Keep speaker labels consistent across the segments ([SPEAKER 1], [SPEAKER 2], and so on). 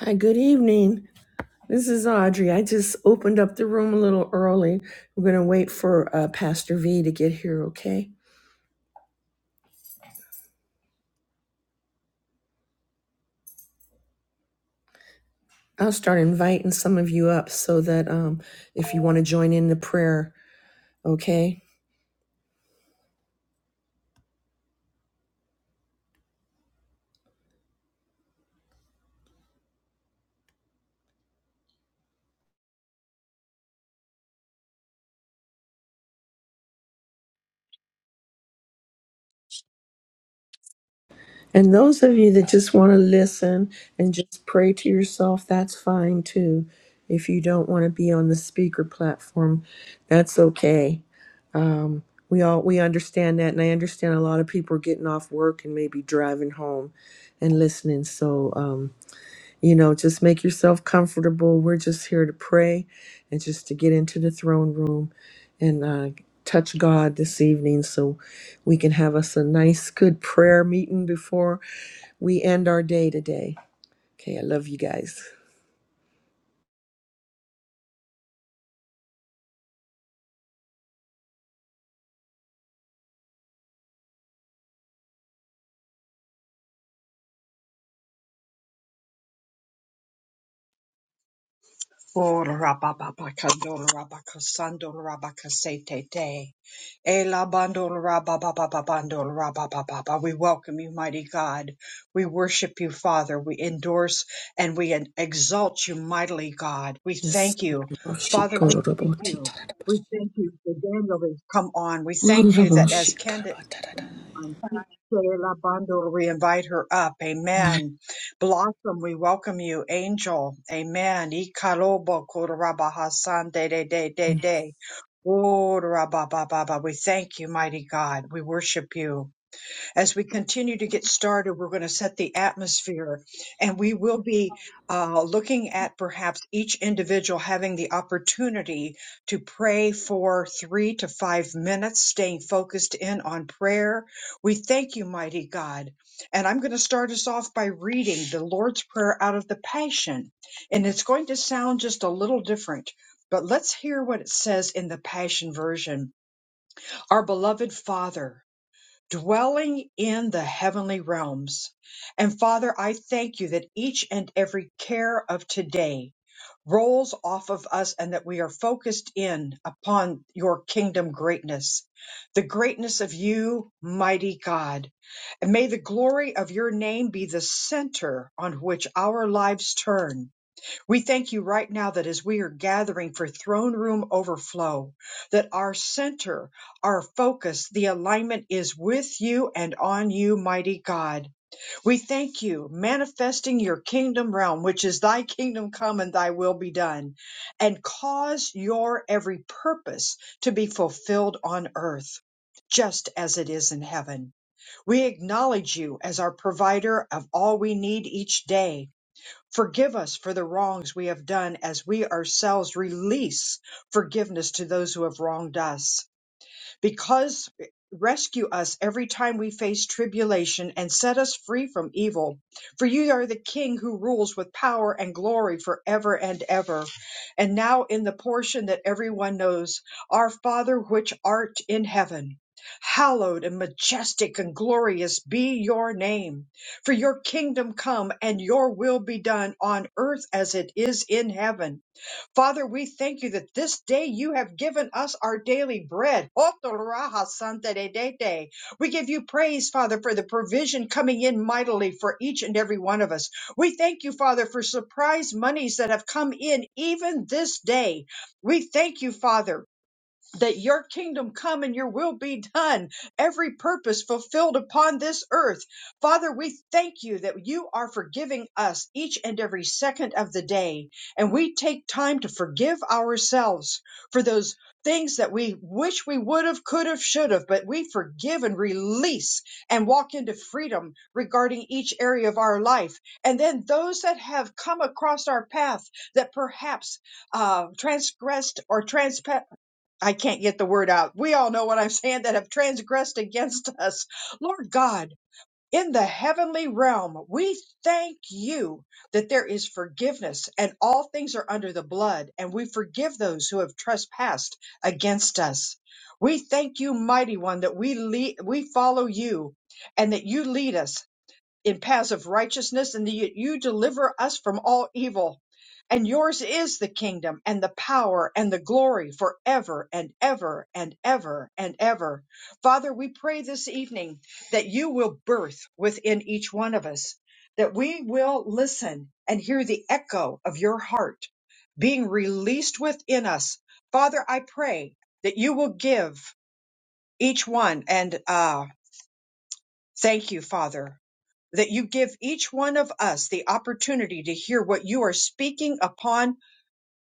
[SPEAKER 1] Hi, good evening. This is Audrey. I just opened up the room a little early. We're going to wait for uh, Pastor V to get here, okay? I'll start inviting some of you up so that um, if you want to join in the prayer, okay? And those of you that just want to listen and just pray to yourself, that's fine too. If you don't want to be on the speaker platform, that's okay. We all we understand that, and I understand a lot of people are getting off work and maybe driving home and listening. So, um, you know, just make yourself comfortable. We're just here to pray and just to get into the throne room and uh, touch God this evening, so we can have us a nice, good prayer meeting before we end our day today. Okay, I love you guys.
[SPEAKER 2] O rabababakandol rabakasandol rabakasetete. Elabandol rabababababandol rababababa. We welcome you, mighty God. We worship you, Father. We endorse and we exalt you, mightily God. We
[SPEAKER 1] Yes.
[SPEAKER 2] thank you.
[SPEAKER 1] Roshi
[SPEAKER 2] Father, we
[SPEAKER 1] kororo
[SPEAKER 2] thank
[SPEAKER 1] boti
[SPEAKER 2] you.
[SPEAKER 1] tarara bashi.
[SPEAKER 2] We thank you for Daniel to come on. We thank
[SPEAKER 1] Kororo
[SPEAKER 2] you that
[SPEAKER 1] roshi
[SPEAKER 2] as
[SPEAKER 1] karaba
[SPEAKER 2] Candace
[SPEAKER 1] tarara.
[SPEAKER 2] Sheila Bundle, we invite her up. Amen. Blossom, we welcome you. Angel, amen. Ikalobo korabaha san de de de de de. Oh, rabababa, we thank you, mighty God. We worship you as we continue to get started, we're going to set the atmosphere and we will be uh, looking at perhaps each individual having the opportunity to pray for three to five minutes, staying focused in on prayer. We thank you, mighty God. And I'm going to start us off by reading the Lord's Prayer out of the Passion. And it's going to sound just a little different, but let's hear what it says in the Passion Version. Our beloved Father, dwelling in the heavenly realms. And Father, I thank you that each and every care of today rolls off of us and that we are focused in upon your kingdom greatness, the greatness of you, mighty God. And may the glory of your name be the center on which our lives turn we thank you right now that as we are gathering for throne room overflow, that our center, our focus, the alignment is with you and on you, mighty God. We thank you, manifesting your kingdom realm, which is thy kingdom come and thy will be done, and cause your every purpose to be fulfilled on earth. Just as it is in heaven. We acknowledge you as our provider of all we need each day Forgive us for the wrongs we have done as we ourselves release forgiveness to those who have wronged us because rescue us every time we face tribulation and set us free from evil. For you are the King who rules with power and glory forever and ever. And now, in the portion that everyone knows, our Father which art in heaven. Hallowed and majestic and glorious be your name, for your kingdom come and your will be done on earth as it is in heaven. Father, we thank you that this day you have given us our daily bread. Otoraha Santa de de de. We give you praise, Father, for the provision coming in mightily for each and every one of us. We thank you, Father, for surprise monies that have come in even this day. We thank you, Father that your kingdom come and your will be done, every purpose fulfilled upon this earth. Father, we thank you that you are forgiving us each and every second of the day. And we take time to forgive ourselves for those things that we wish we would have, could have, should have, but we forgive and release and walk into freedom regarding each area of our life. And then those that have come across our path that perhaps uh, transgressed or transpassed I can't get the word out. We all know what I'm saying that have transgressed against us. Lord God, in the heavenly realm, we thank you that there is forgiveness and all things are under the blood, and we forgive those who have trespassed against us. We thank you, mighty one, that we lead, we follow you and that you lead us in paths of righteousness and that you you deliver us from all evil. And yours is the kingdom and the power and the glory forever and ever and ever and ever. Father, we pray this evening that you will birth within each one of us, that we will listen and hear the echo of your heart being released within us. Father, I pray that you will give each one. And uh, Thank you, Father, that you give each one of us the opportunity to hear what you are speaking upon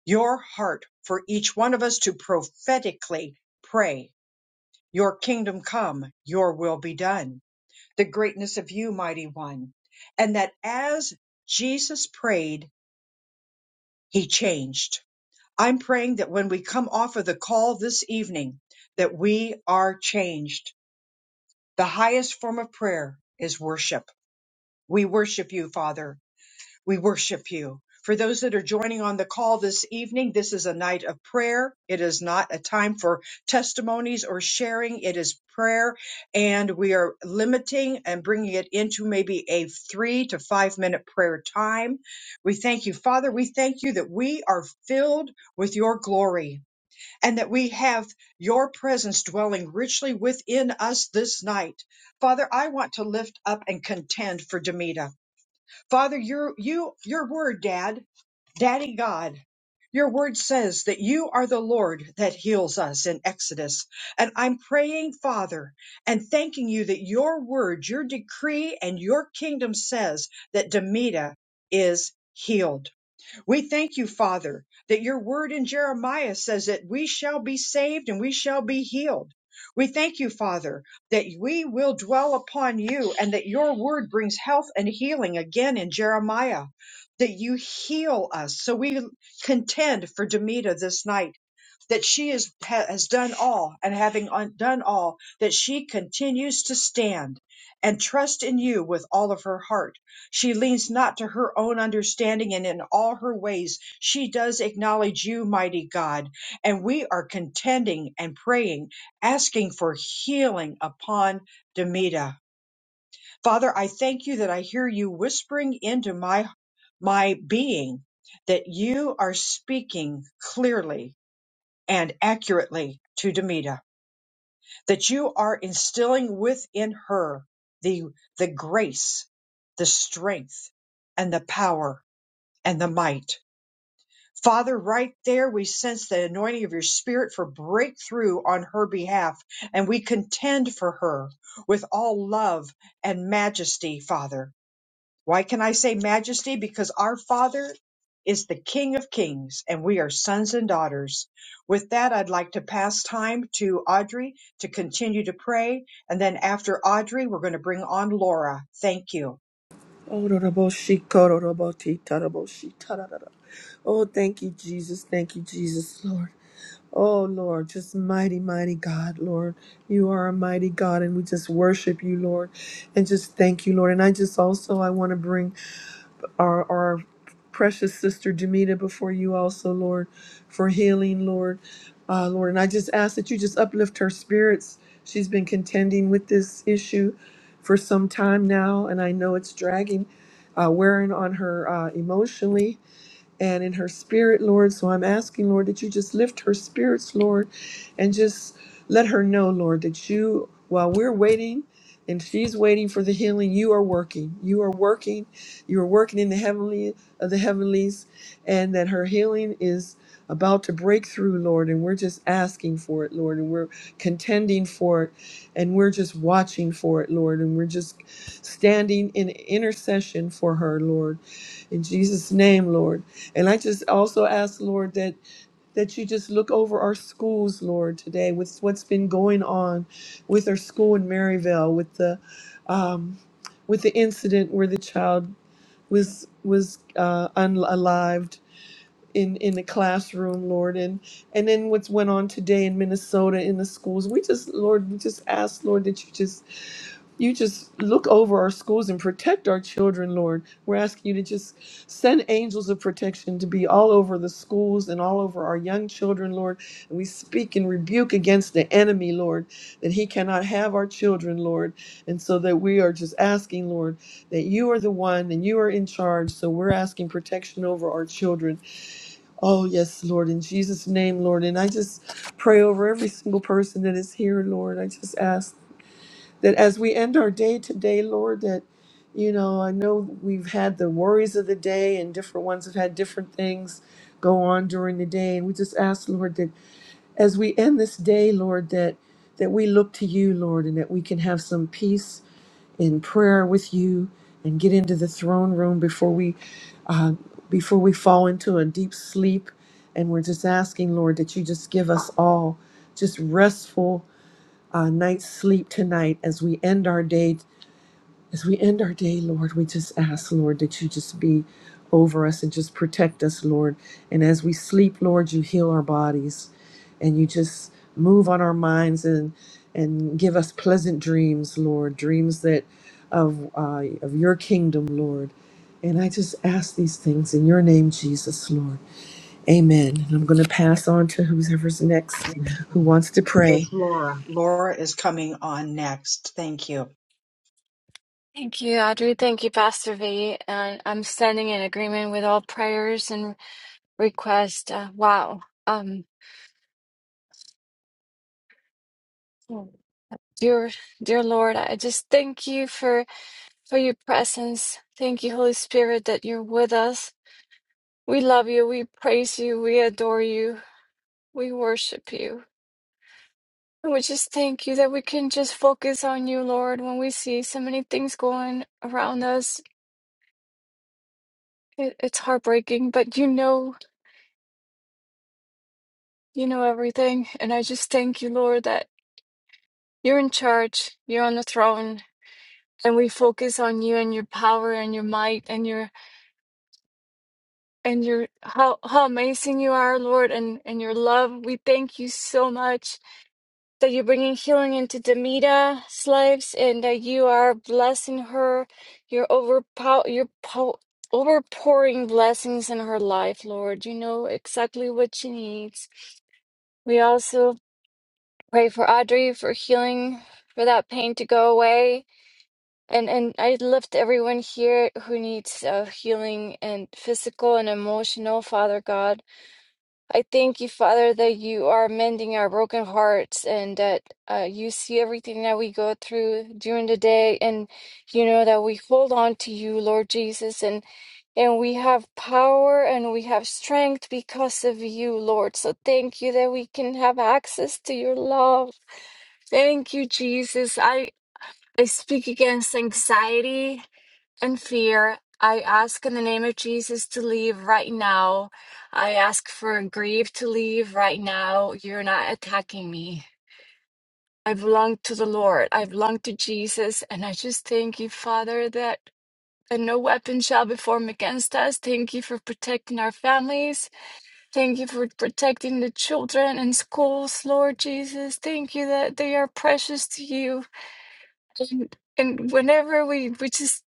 [SPEAKER 2] your heart for each one of us to prophetically pray. Your kingdom come, your will be done. The greatness of you, mighty one. And that as Jesus prayed, he changed. I'm praying that when we come off of the call this evening, that we are changed. The highest form of prayer is worship. We worship you, Father We worship you. For those that are joining on the call this evening, this is a night of prayer. It is not a time for testimonies or sharing. It is prayer. And we are limiting and bringing it into maybe a three to five minute prayer time. We thank you, Father. We thank you that we are filled with your glory and that we have your presence dwelling richly within us this night. Father, I want to lift up and contend for Demita. Father, your you your word, Dad, Daddy God, your word says that you are the Lord that heals us in Exodus. And I'm praying, Father, and thanking you that your word, your decree, and your kingdom says that Demita is healed. We thank you, Father, that your word in Jeremiah says that we shall be saved and we shall be healed. We thank you, Father, that we will dwell upon you and that your word brings health and healing again in Jeremiah, that you heal us. So we contend for Demita this night that she is, ha, has done all and having un- done all that she continues to stand and trust in you with all of her heart. She leans not to her own understanding and in all her ways she does acknowledge you, mighty God. And we are contending and praying, asking for healing upon Demita. Father, I thank you that I hear you whispering into my my being that you are speaking clearly and accurately to Demita, that you are instilling within her the, the grace, the strength, and the power and the might. Father, right there, we sense the anointing of your spirit for breakthrough on her behalf, and we contend for her with all love and majesty, Father. Why can I say majesty? Because our Father is the King of Kings and we are sons and daughters. With that, I'd like to pass time to Audrey to continue to pray. And then after Audrey, we're going to bring on Laura. Thank you.
[SPEAKER 1] Oh, thank you, Jesus. Thank you, Jesus, Lord. Oh, Lord, just mighty, mighty God, Lord. You are a mighty God, and we just worship you, Lord, and just thank you, Lord. And I just also, I want to bring our, our precious sister Demita before you also, Lord, for healing, Lord. Uh, Lord, and I just ask that you just uplift her spirits. She's been contending with this issue for some time now, and I know it's dragging, uh, wearing on her uh, emotionally and in her spirit, Lord. So I'm asking, Lord, that you just lift her spirits, Lord, and just let her know, Lord, that you, while we're waiting and she's waiting for the healing, you are working. You are working. You are working in the heavenly of the heavenlies, and that her healing is about to break through, Lord. And we're just asking for it, Lord, and we're contending for it, and we're just watching for it, Lord, and we're just standing in intercession for her, Lord. In Jesus' name, Lord. And I just also ask, Lord, that that you just look over our schools, Lord, today with what's been going on with our school in Maryvale, with the um, with the incident where the child was was uh, unalived in in the classroom, Lord, and and then what's went on today in Minnesota in the schools. We just, Lord, we just ask, Lord, that you just you just look over our schools and protect our children, Lord. We're asking you to just send angels of protection to be all over the schools and all over our young children, Lord. And we speak and rebuke against the enemy, Lord, that he cannot have our children, Lord. And so that we are just asking, Lord, that you are the one and you are in charge. So we're asking protection over our children. Oh, yes, Lord, in Jesus' name, Lord. And I just pray over every single person that is here, Lord. I just ask that as we end our day today, Lord, that, you know, I know we've had the worries of the day and different ones have had different things go on during the day. And we just ask, Lord, that as we end this day, Lord, that, that we look to you, Lord, and that we can have some peace in prayer with you and get into the throne room before we, uh, before we fall into a deep sleep. And we're just asking, Lord, that you just give us all just restful uh, night's sleep tonight as we end our day. As we end our day, Lord, we just ask, Lord, that you just be over us and just protect us, Lord. And as we sleep, Lord, you heal our bodies and you just move on our minds and and give us pleasant dreams, Lord, dreams that of uh, of your kingdom, Lord. And I just ask these things in your name, Jesus, Lord. Amen. And I'm going to pass on to whoever's next
[SPEAKER 2] That's
[SPEAKER 1] who wants to pray.
[SPEAKER 2] Laura. Laura is coming on next. Thank you.
[SPEAKER 3] Thank you, Audrey. Thank you, Pastor V. And I'm standing in agreement with all prayers and requests. Uh, wow. Um, dear, dear Lord, I just thank you for for your presence. Thank you, Holy Spirit, that you're with us. We love you. We praise you. We adore you. We worship you. And we just thank you that we can just focus on you, Lord, when we see so many things going around us. It, it's heartbreaking, but you know You know everything, and I just thank you, Lord, that you're in charge, you're on the throne, and we focus on you and your power and your might and your and your how how amazing you are, Lord, and and your love. We thank you so much that you're bringing healing into Demita's lives and that you are blessing her. You're overpow you po overpouring blessings in her life, Lord. You know exactly what she needs. We also Pray for Audrey for healing, for that pain to go away. And and I lift everyone here who needs uh, healing and physical and emotional, Father God. I thank you, Father, that you are mending our broken hearts and that uh, you see everything that we go through during the day, and you know that we hold on to you, Lord Jesus, and and we have power and we have strength because of you, Lord. So thank you that we can have access to your love Thank you, Jesus. I, I speak against anxiety and fear. I ask in the name of Jesus to leave right now. I ask for grief to leave right now. You're not attacking me. I belong to the Lord. I belong to Jesus. And I just thank you, Father, that and no weapon shall be formed against us. Thank you for protecting our families. Thank you for protecting the children and schools, Lord Jesus. Thank you that they are precious to you. And, and whenever we, we just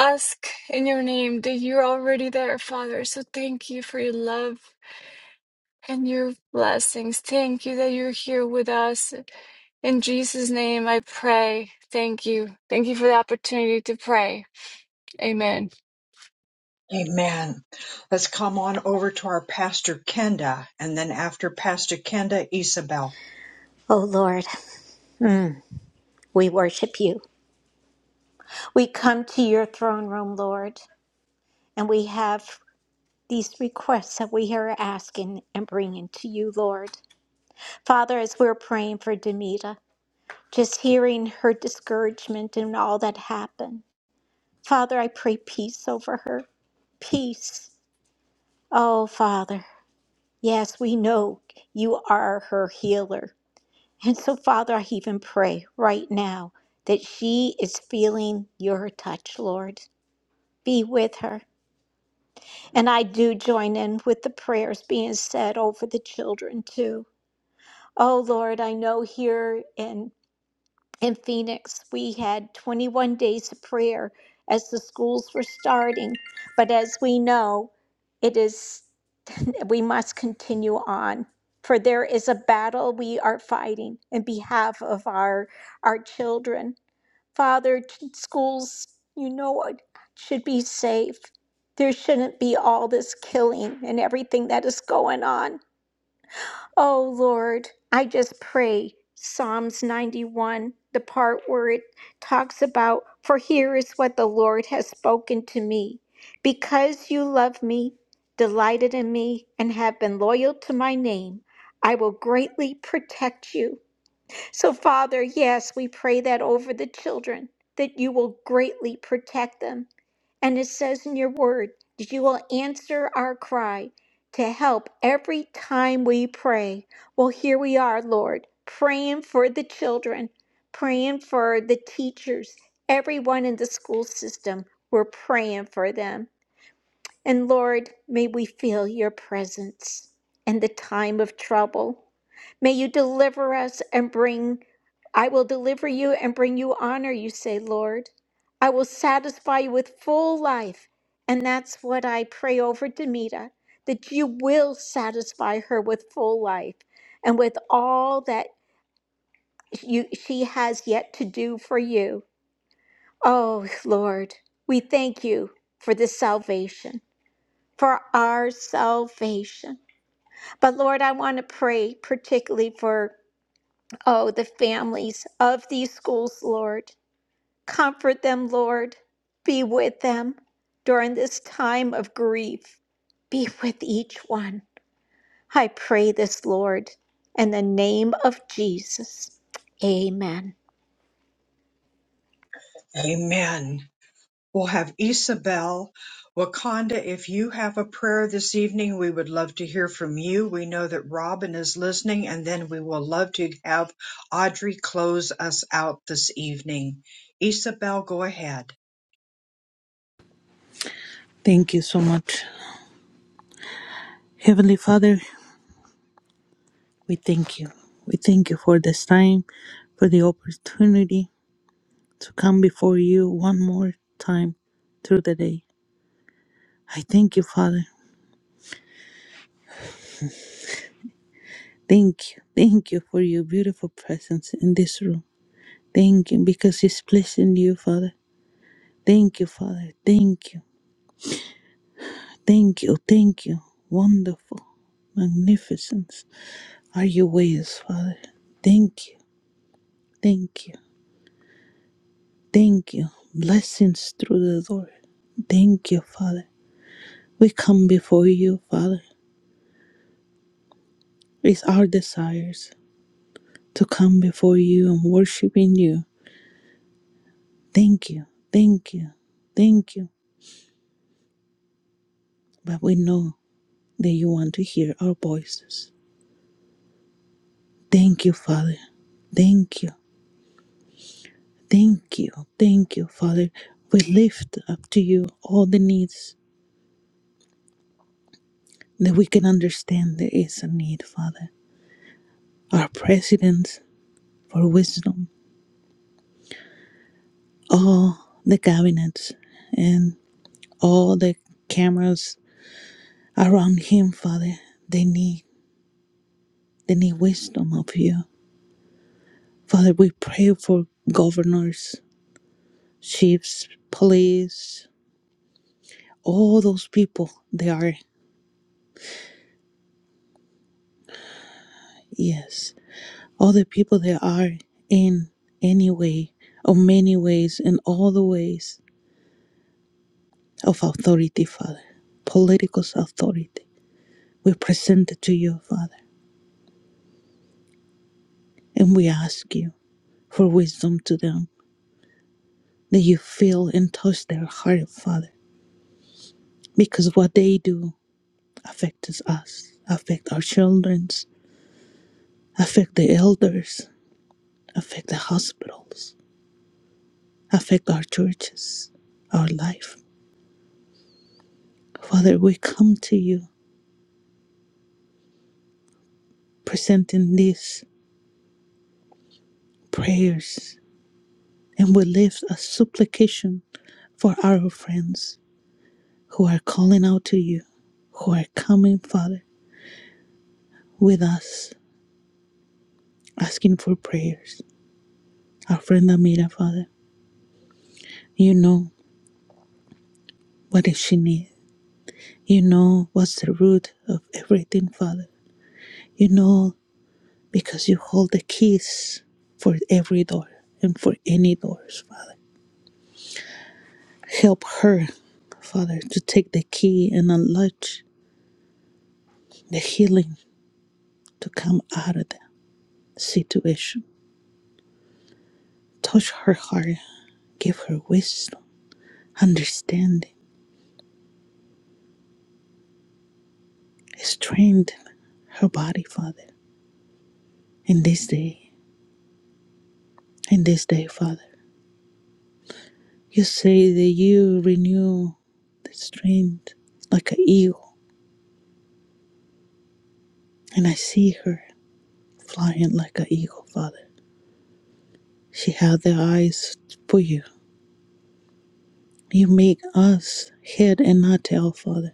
[SPEAKER 3] ask in your name that you're already there, Father. So thank you for your love and your blessings. Thank you that you're here with us. In Jesus' name, I pray. Thank you. Thank you for the opportunity to pray. Amen.
[SPEAKER 2] Amen. Let's come on over to our Pastor Kenda and then after Pastor Kenda, Isabel.
[SPEAKER 4] Oh Lord, mm, we worship you. We come to your throne room, Lord, and we have these requests that we are asking and bringing to you, Lord. Father, as we're praying for Demita, just hearing her discouragement and all that happened, Father, I pray peace over her. Peace. Oh, Father, yes, we know you are her healer. And so, Father, I even pray right now that she is feeling your touch, Lord. be with her. And I do join in with the prayers being said over the children too. Oh Lord, I know here in in Phoenix we had 21 days of prayer as the schools were starting, but as we know, it is we must continue on. For there is a battle we are fighting in behalf of our our children. Father, schools, you know should be safe. There shouldn't be all this killing and everything that is going on. Oh Lord, I just pray Psalms 91, the part where it talks about, For here is what the Lord has spoken to me. Because you love me, delighted in me, and have been loyal to my name, I will greatly protect you. So, Father, yes, we pray that over the children, that you will greatly protect them. And it says in your word that you will answer our cry to help every time we pray. Well, here we are, Lord, praying for the children, praying for the teachers, everyone in the school system. We're praying for them. And Lord, may we feel your presence in the time of trouble. May you deliver us and bring, I will deliver you and bring you honor, you say, Lord. I will satisfy you with full life. And that's what I pray over Demita, that you will satisfy her with full life and with all that you, she has yet to do for you. Oh, Lord, we thank you for this salvation for our salvation. But Lord, I want to pray particularly for, oh, the families of these schools, Lord. Comfort them, Lord. Be with them during this time of grief. Be with each one. I pray this, Lord, in the name of Jesus. Amen.
[SPEAKER 2] Amen. We'll have Isabel. Wakanda, if you have a prayer this evening, we would love to hear from you. We know that Robin is listening, and then we will love to have Audrey close us out this evening. Isabel, go ahead.
[SPEAKER 5] Thank you so much. Heavenly Father, we thank you. We thank you for this time, for the opportunity to come before you one more time through the day. I thank you, Father. Thank you. Thank you for your beautiful presence in this room. Thank you because it's pleasing you, Father. Thank you, Father. Thank you. Thank you. Thank you. Wonderful. Magnificence are your ways, Father. Thank you. Thank you. Thank you. Blessings through the door. Thank you, Father. We come before you, Father. It's our desires to come before you and worship in you. Thank you. Thank you. Thank you. But we know that you want to hear our voices. Thank you, Father. Thank you. Thank you. Thank you, Father. We lift up to you all the needs that we can understand there is a need, Father. Our presidents for wisdom, all the cabinets and all the cameras around him, Father. They need they need wisdom of you. Father, we pray for governors, chiefs, police, all those people they are yes. All the people that are in any way or many ways in all the ways of authority, Father. Political authority. We present it to you, Father, and we ask you for wisdom to them that you feel and touch their heart, Father, because what they do affects us, affect our childrens, affect the elders, affect the hospitals, affect our churches, our life. Father, we come to you presenting these prayers and we lift a supplication for our friends who are calling out to you, who are coming, Father, with us, asking for prayers. Our friend Amira, Father, you know What does she need? You know what's the root of everything, Father. You know because you hold the keys for every door and for any doors, Father. Help her, Father, to take the key and unlock the healing to come out of the situation. Touch her heart. Give her wisdom, understanding, strengthen her body, Father. In this day, in this day, Father. You say that you renew the strength like an eagle, and I see her flying like an eagle, Father. She has the eyes for you. You make us head and not tail, Father.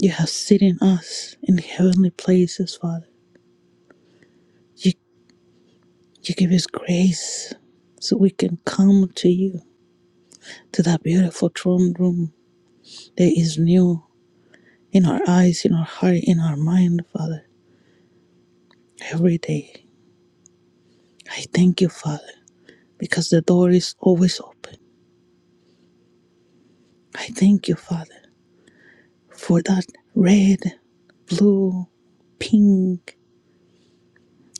[SPEAKER 5] You have seated us in heavenly places, Father. You you give us grace so we can come to you, to that beautiful throne room that is new in our eyes, in our heart, in our mind, Father, every day. I thank you, Father. because the door is always open. I thank you, Father, for that red, blue, pink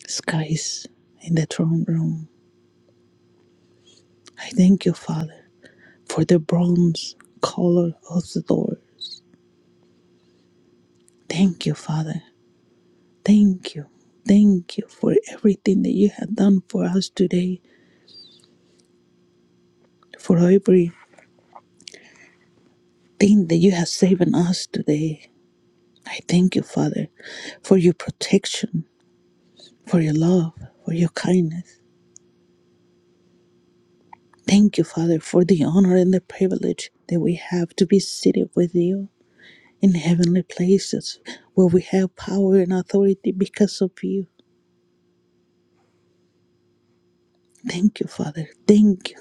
[SPEAKER 5] skies in the throne room. I thank you, Father, for the bronze color of the door. Thank you, Father. Thank you. Thank you for everything that you have done for us today, for everything that you have saved us today. I thank you, Father, for your protection, for your love, for your kindness. Thank you, Father, for the honor and the privilege that we have to be seated with you in heavenly places where we have power and authority because of you. Thank you, Father. Thank you.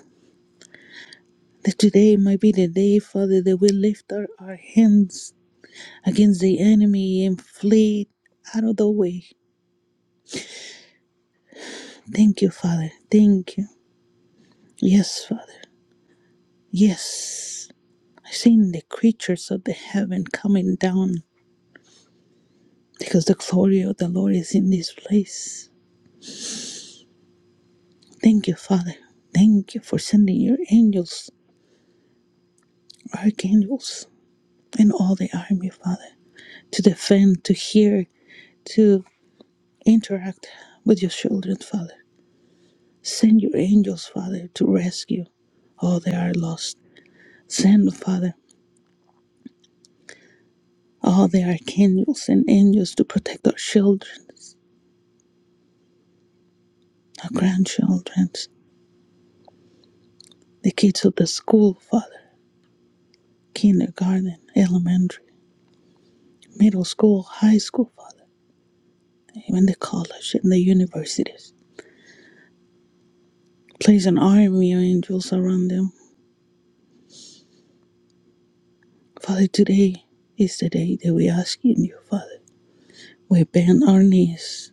[SPEAKER 5] That today might be the day, Father, that we lift our, our hands against the enemy and flee out of the way. Thank you, Father. Thank you. Yes, Father. Yes. I've seen the creatures of the heaven coming down because the glory of the Lord is in this place. Thank you, Father. Thank you for sending your angels, archangels, and all the army, Father, to defend, to hear, to interact with your children, Father. Send your angels, Father, to rescue all they are lost. Send, Father, all the archangels and angels to protect our children, our grandchildren, the kids of the school, Father, kindergarten, elementary, middle school, high school, Father, even the college and the universities. Place an army of angels around them. Father, today is the day that we ask in you, Father. We bend our knees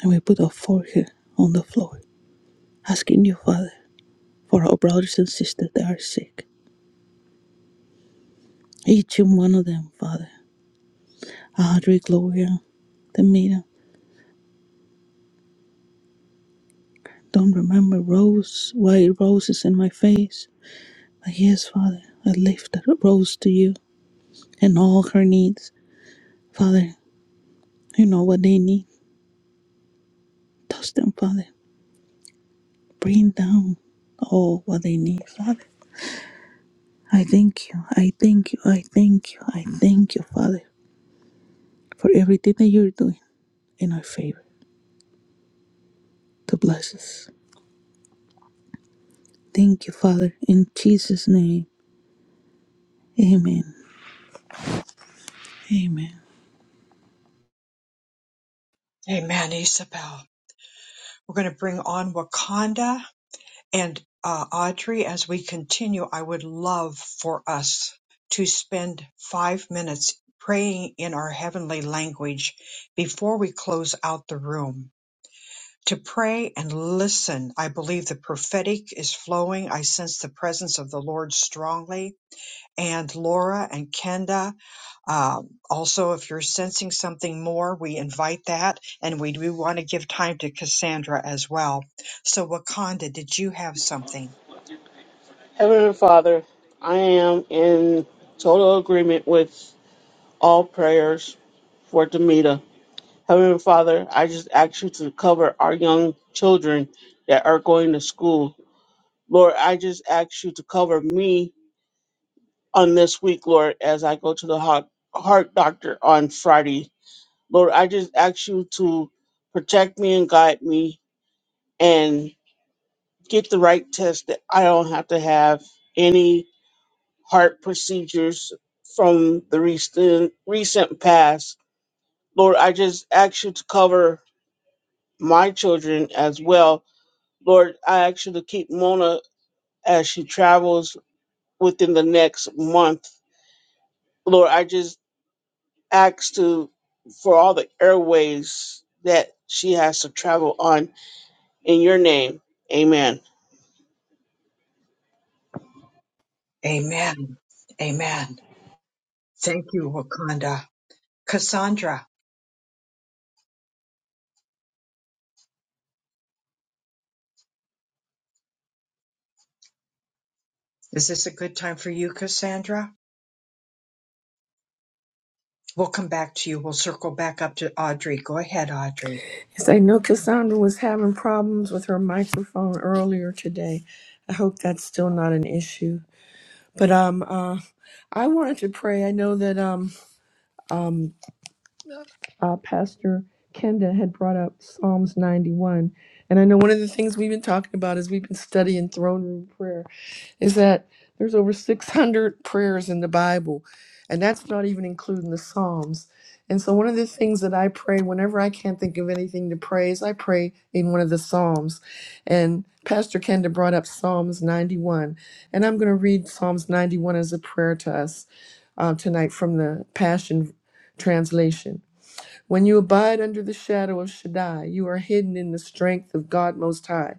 [SPEAKER 5] and we put our forehead on the floor, asking you, Father, for our brothers and sisters that are sick. Each and one of them, Father. Audrey, Gloria, Tamina. Don't remember rose, white roses in my face. But yes, Father, I lift that rose to you and all her needs. Father, you know what they need. Touch them, Father. Bring down all what they need, Father. I thank you. I thank you. I thank you. I thank you, Father, for everything that you're doing in our favor to bless us. Thank you, Father, in Jesus' name. Amen. Amen.
[SPEAKER 2] Amen, Isabel. We're going to bring on Wakanda and uh, Audrey as we continue. I would love for us to spend five minutes praying in our heavenly language before we close out the room. to pray and listen. I believe the prophetic is flowing. I sense the presence of the Lord strongly. And Laura and Kenda, um, also, if you're sensing something more, we invite that. And we do want to give time to Cassandra as well. So, Wakanda, did you have something?
[SPEAKER 6] Heavenly Father, I am in total agreement with all prayers for Demita. Heavenly Father, I just ask you to cover our young children that are going to school. Lord, I just ask you to cover me on this week, Lord, as I go to the heart, heart doctor on Friday. Lord, I just ask you to protect me and guide me and get the right test that I don't have to have any. heart procedures from the recent recent past. Lord, I just ask you to cover my children as well. Lord, I ask you to keep Mona as she travels within the next month. Lord, I just ask to for all the airways that she has to travel on in your name. Amen.
[SPEAKER 2] Amen. Amen. Thank you, Wakanda. Cassandra, is this a good time for you, Cassandra? We'll come back to you. We'll circle back up to Audrey. Go ahead, Audrey.
[SPEAKER 1] Yes, I know Cassandra was having problems with her microphone earlier today. I hope that's still not an issue. But um, uh, I wanted to pray. I know that um uh, Pastor Kenda had brought up Psalms 91. And I know one of the things we've been talking about as we've been studying throne room prayer is that there's over 600 prayers in the Bible, and that's not even including the Psalms. And so, one of the things that I pray whenever I can't think of anything to pray is I pray in one of the Psalms. And Pastor Kenda brought up Psalms 91, and I'm going to read Psalms 91 as a prayer to us uh, tonight from the Passion Translation. When you abide under the shadow of Shaddai, you are hidden in the strength of God Most High.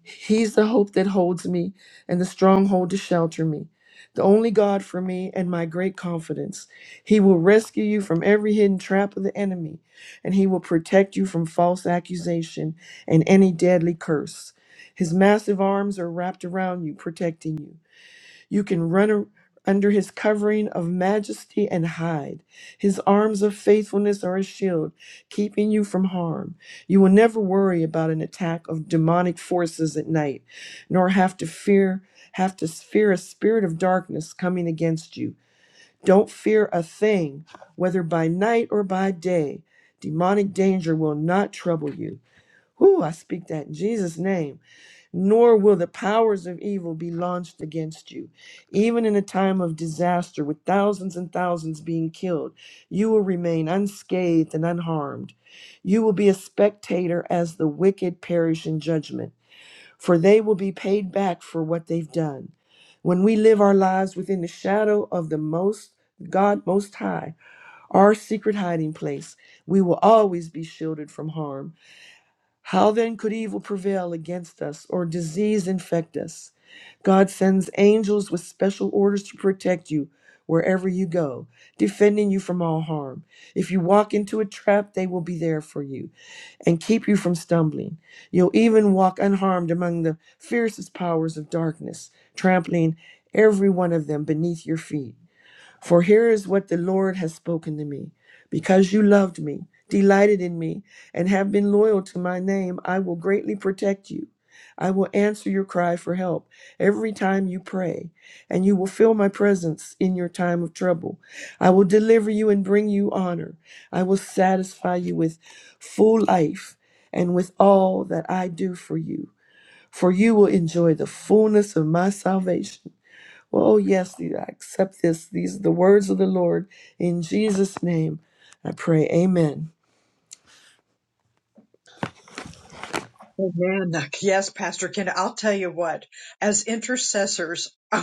[SPEAKER 1] He's the hope that holds me and the stronghold to shelter me, the only God for me and my great confidence. He will rescue you from every hidden trap of the enemy, and he will protect you from false accusation and any deadly curse. His massive arms are wrapped around you, protecting you. You can run a- under his covering of majesty and hide. His arms of faithfulness are a shield, keeping you from harm. You will never worry about an attack of demonic forces at night, nor have to fear have to fear a spirit of darkness coming against you. Don't fear a thing, whether by night or by day. Demonic danger will not trouble you. Whoo, I speak that in Jesus' name nor will the powers of evil be launched against you. Even in a time of disaster, with thousands and thousands being killed, you will remain unscathed and unharmed. You will be a spectator as the wicked perish in judgment, for they will be paid back for what they've done. When we live our lives within the shadow of the most God Most High, our secret hiding place, we will always be shielded from harm how then could evil prevail against us or disease infect us? God sends angels with special orders to protect you wherever you go, defending you from all harm. If you walk into a trap, they will be there for you and keep you from stumbling. You'll even walk unharmed among the fiercest powers of darkness, trampling every one of them beneath your feet. For here is what the Lord has spoken to me. Because you loved me, delighted in me, and have been loyal to my name, I will greatly protect you. I will answer your cry for help every time you pray, and you will feel my presence in your time of trouble. I will deliver you and bring you honor. I will satisfy you with full life and with all that I do for you, for you will enjoy the fullness of my salvation. Well, oh yes, I accept this. These are the words of the Lord. In Jesus' name, I pray. Amen.
[SPEAKER 2] Amen. Yes, Pastor Ken, I'll tell you what, as intercessors,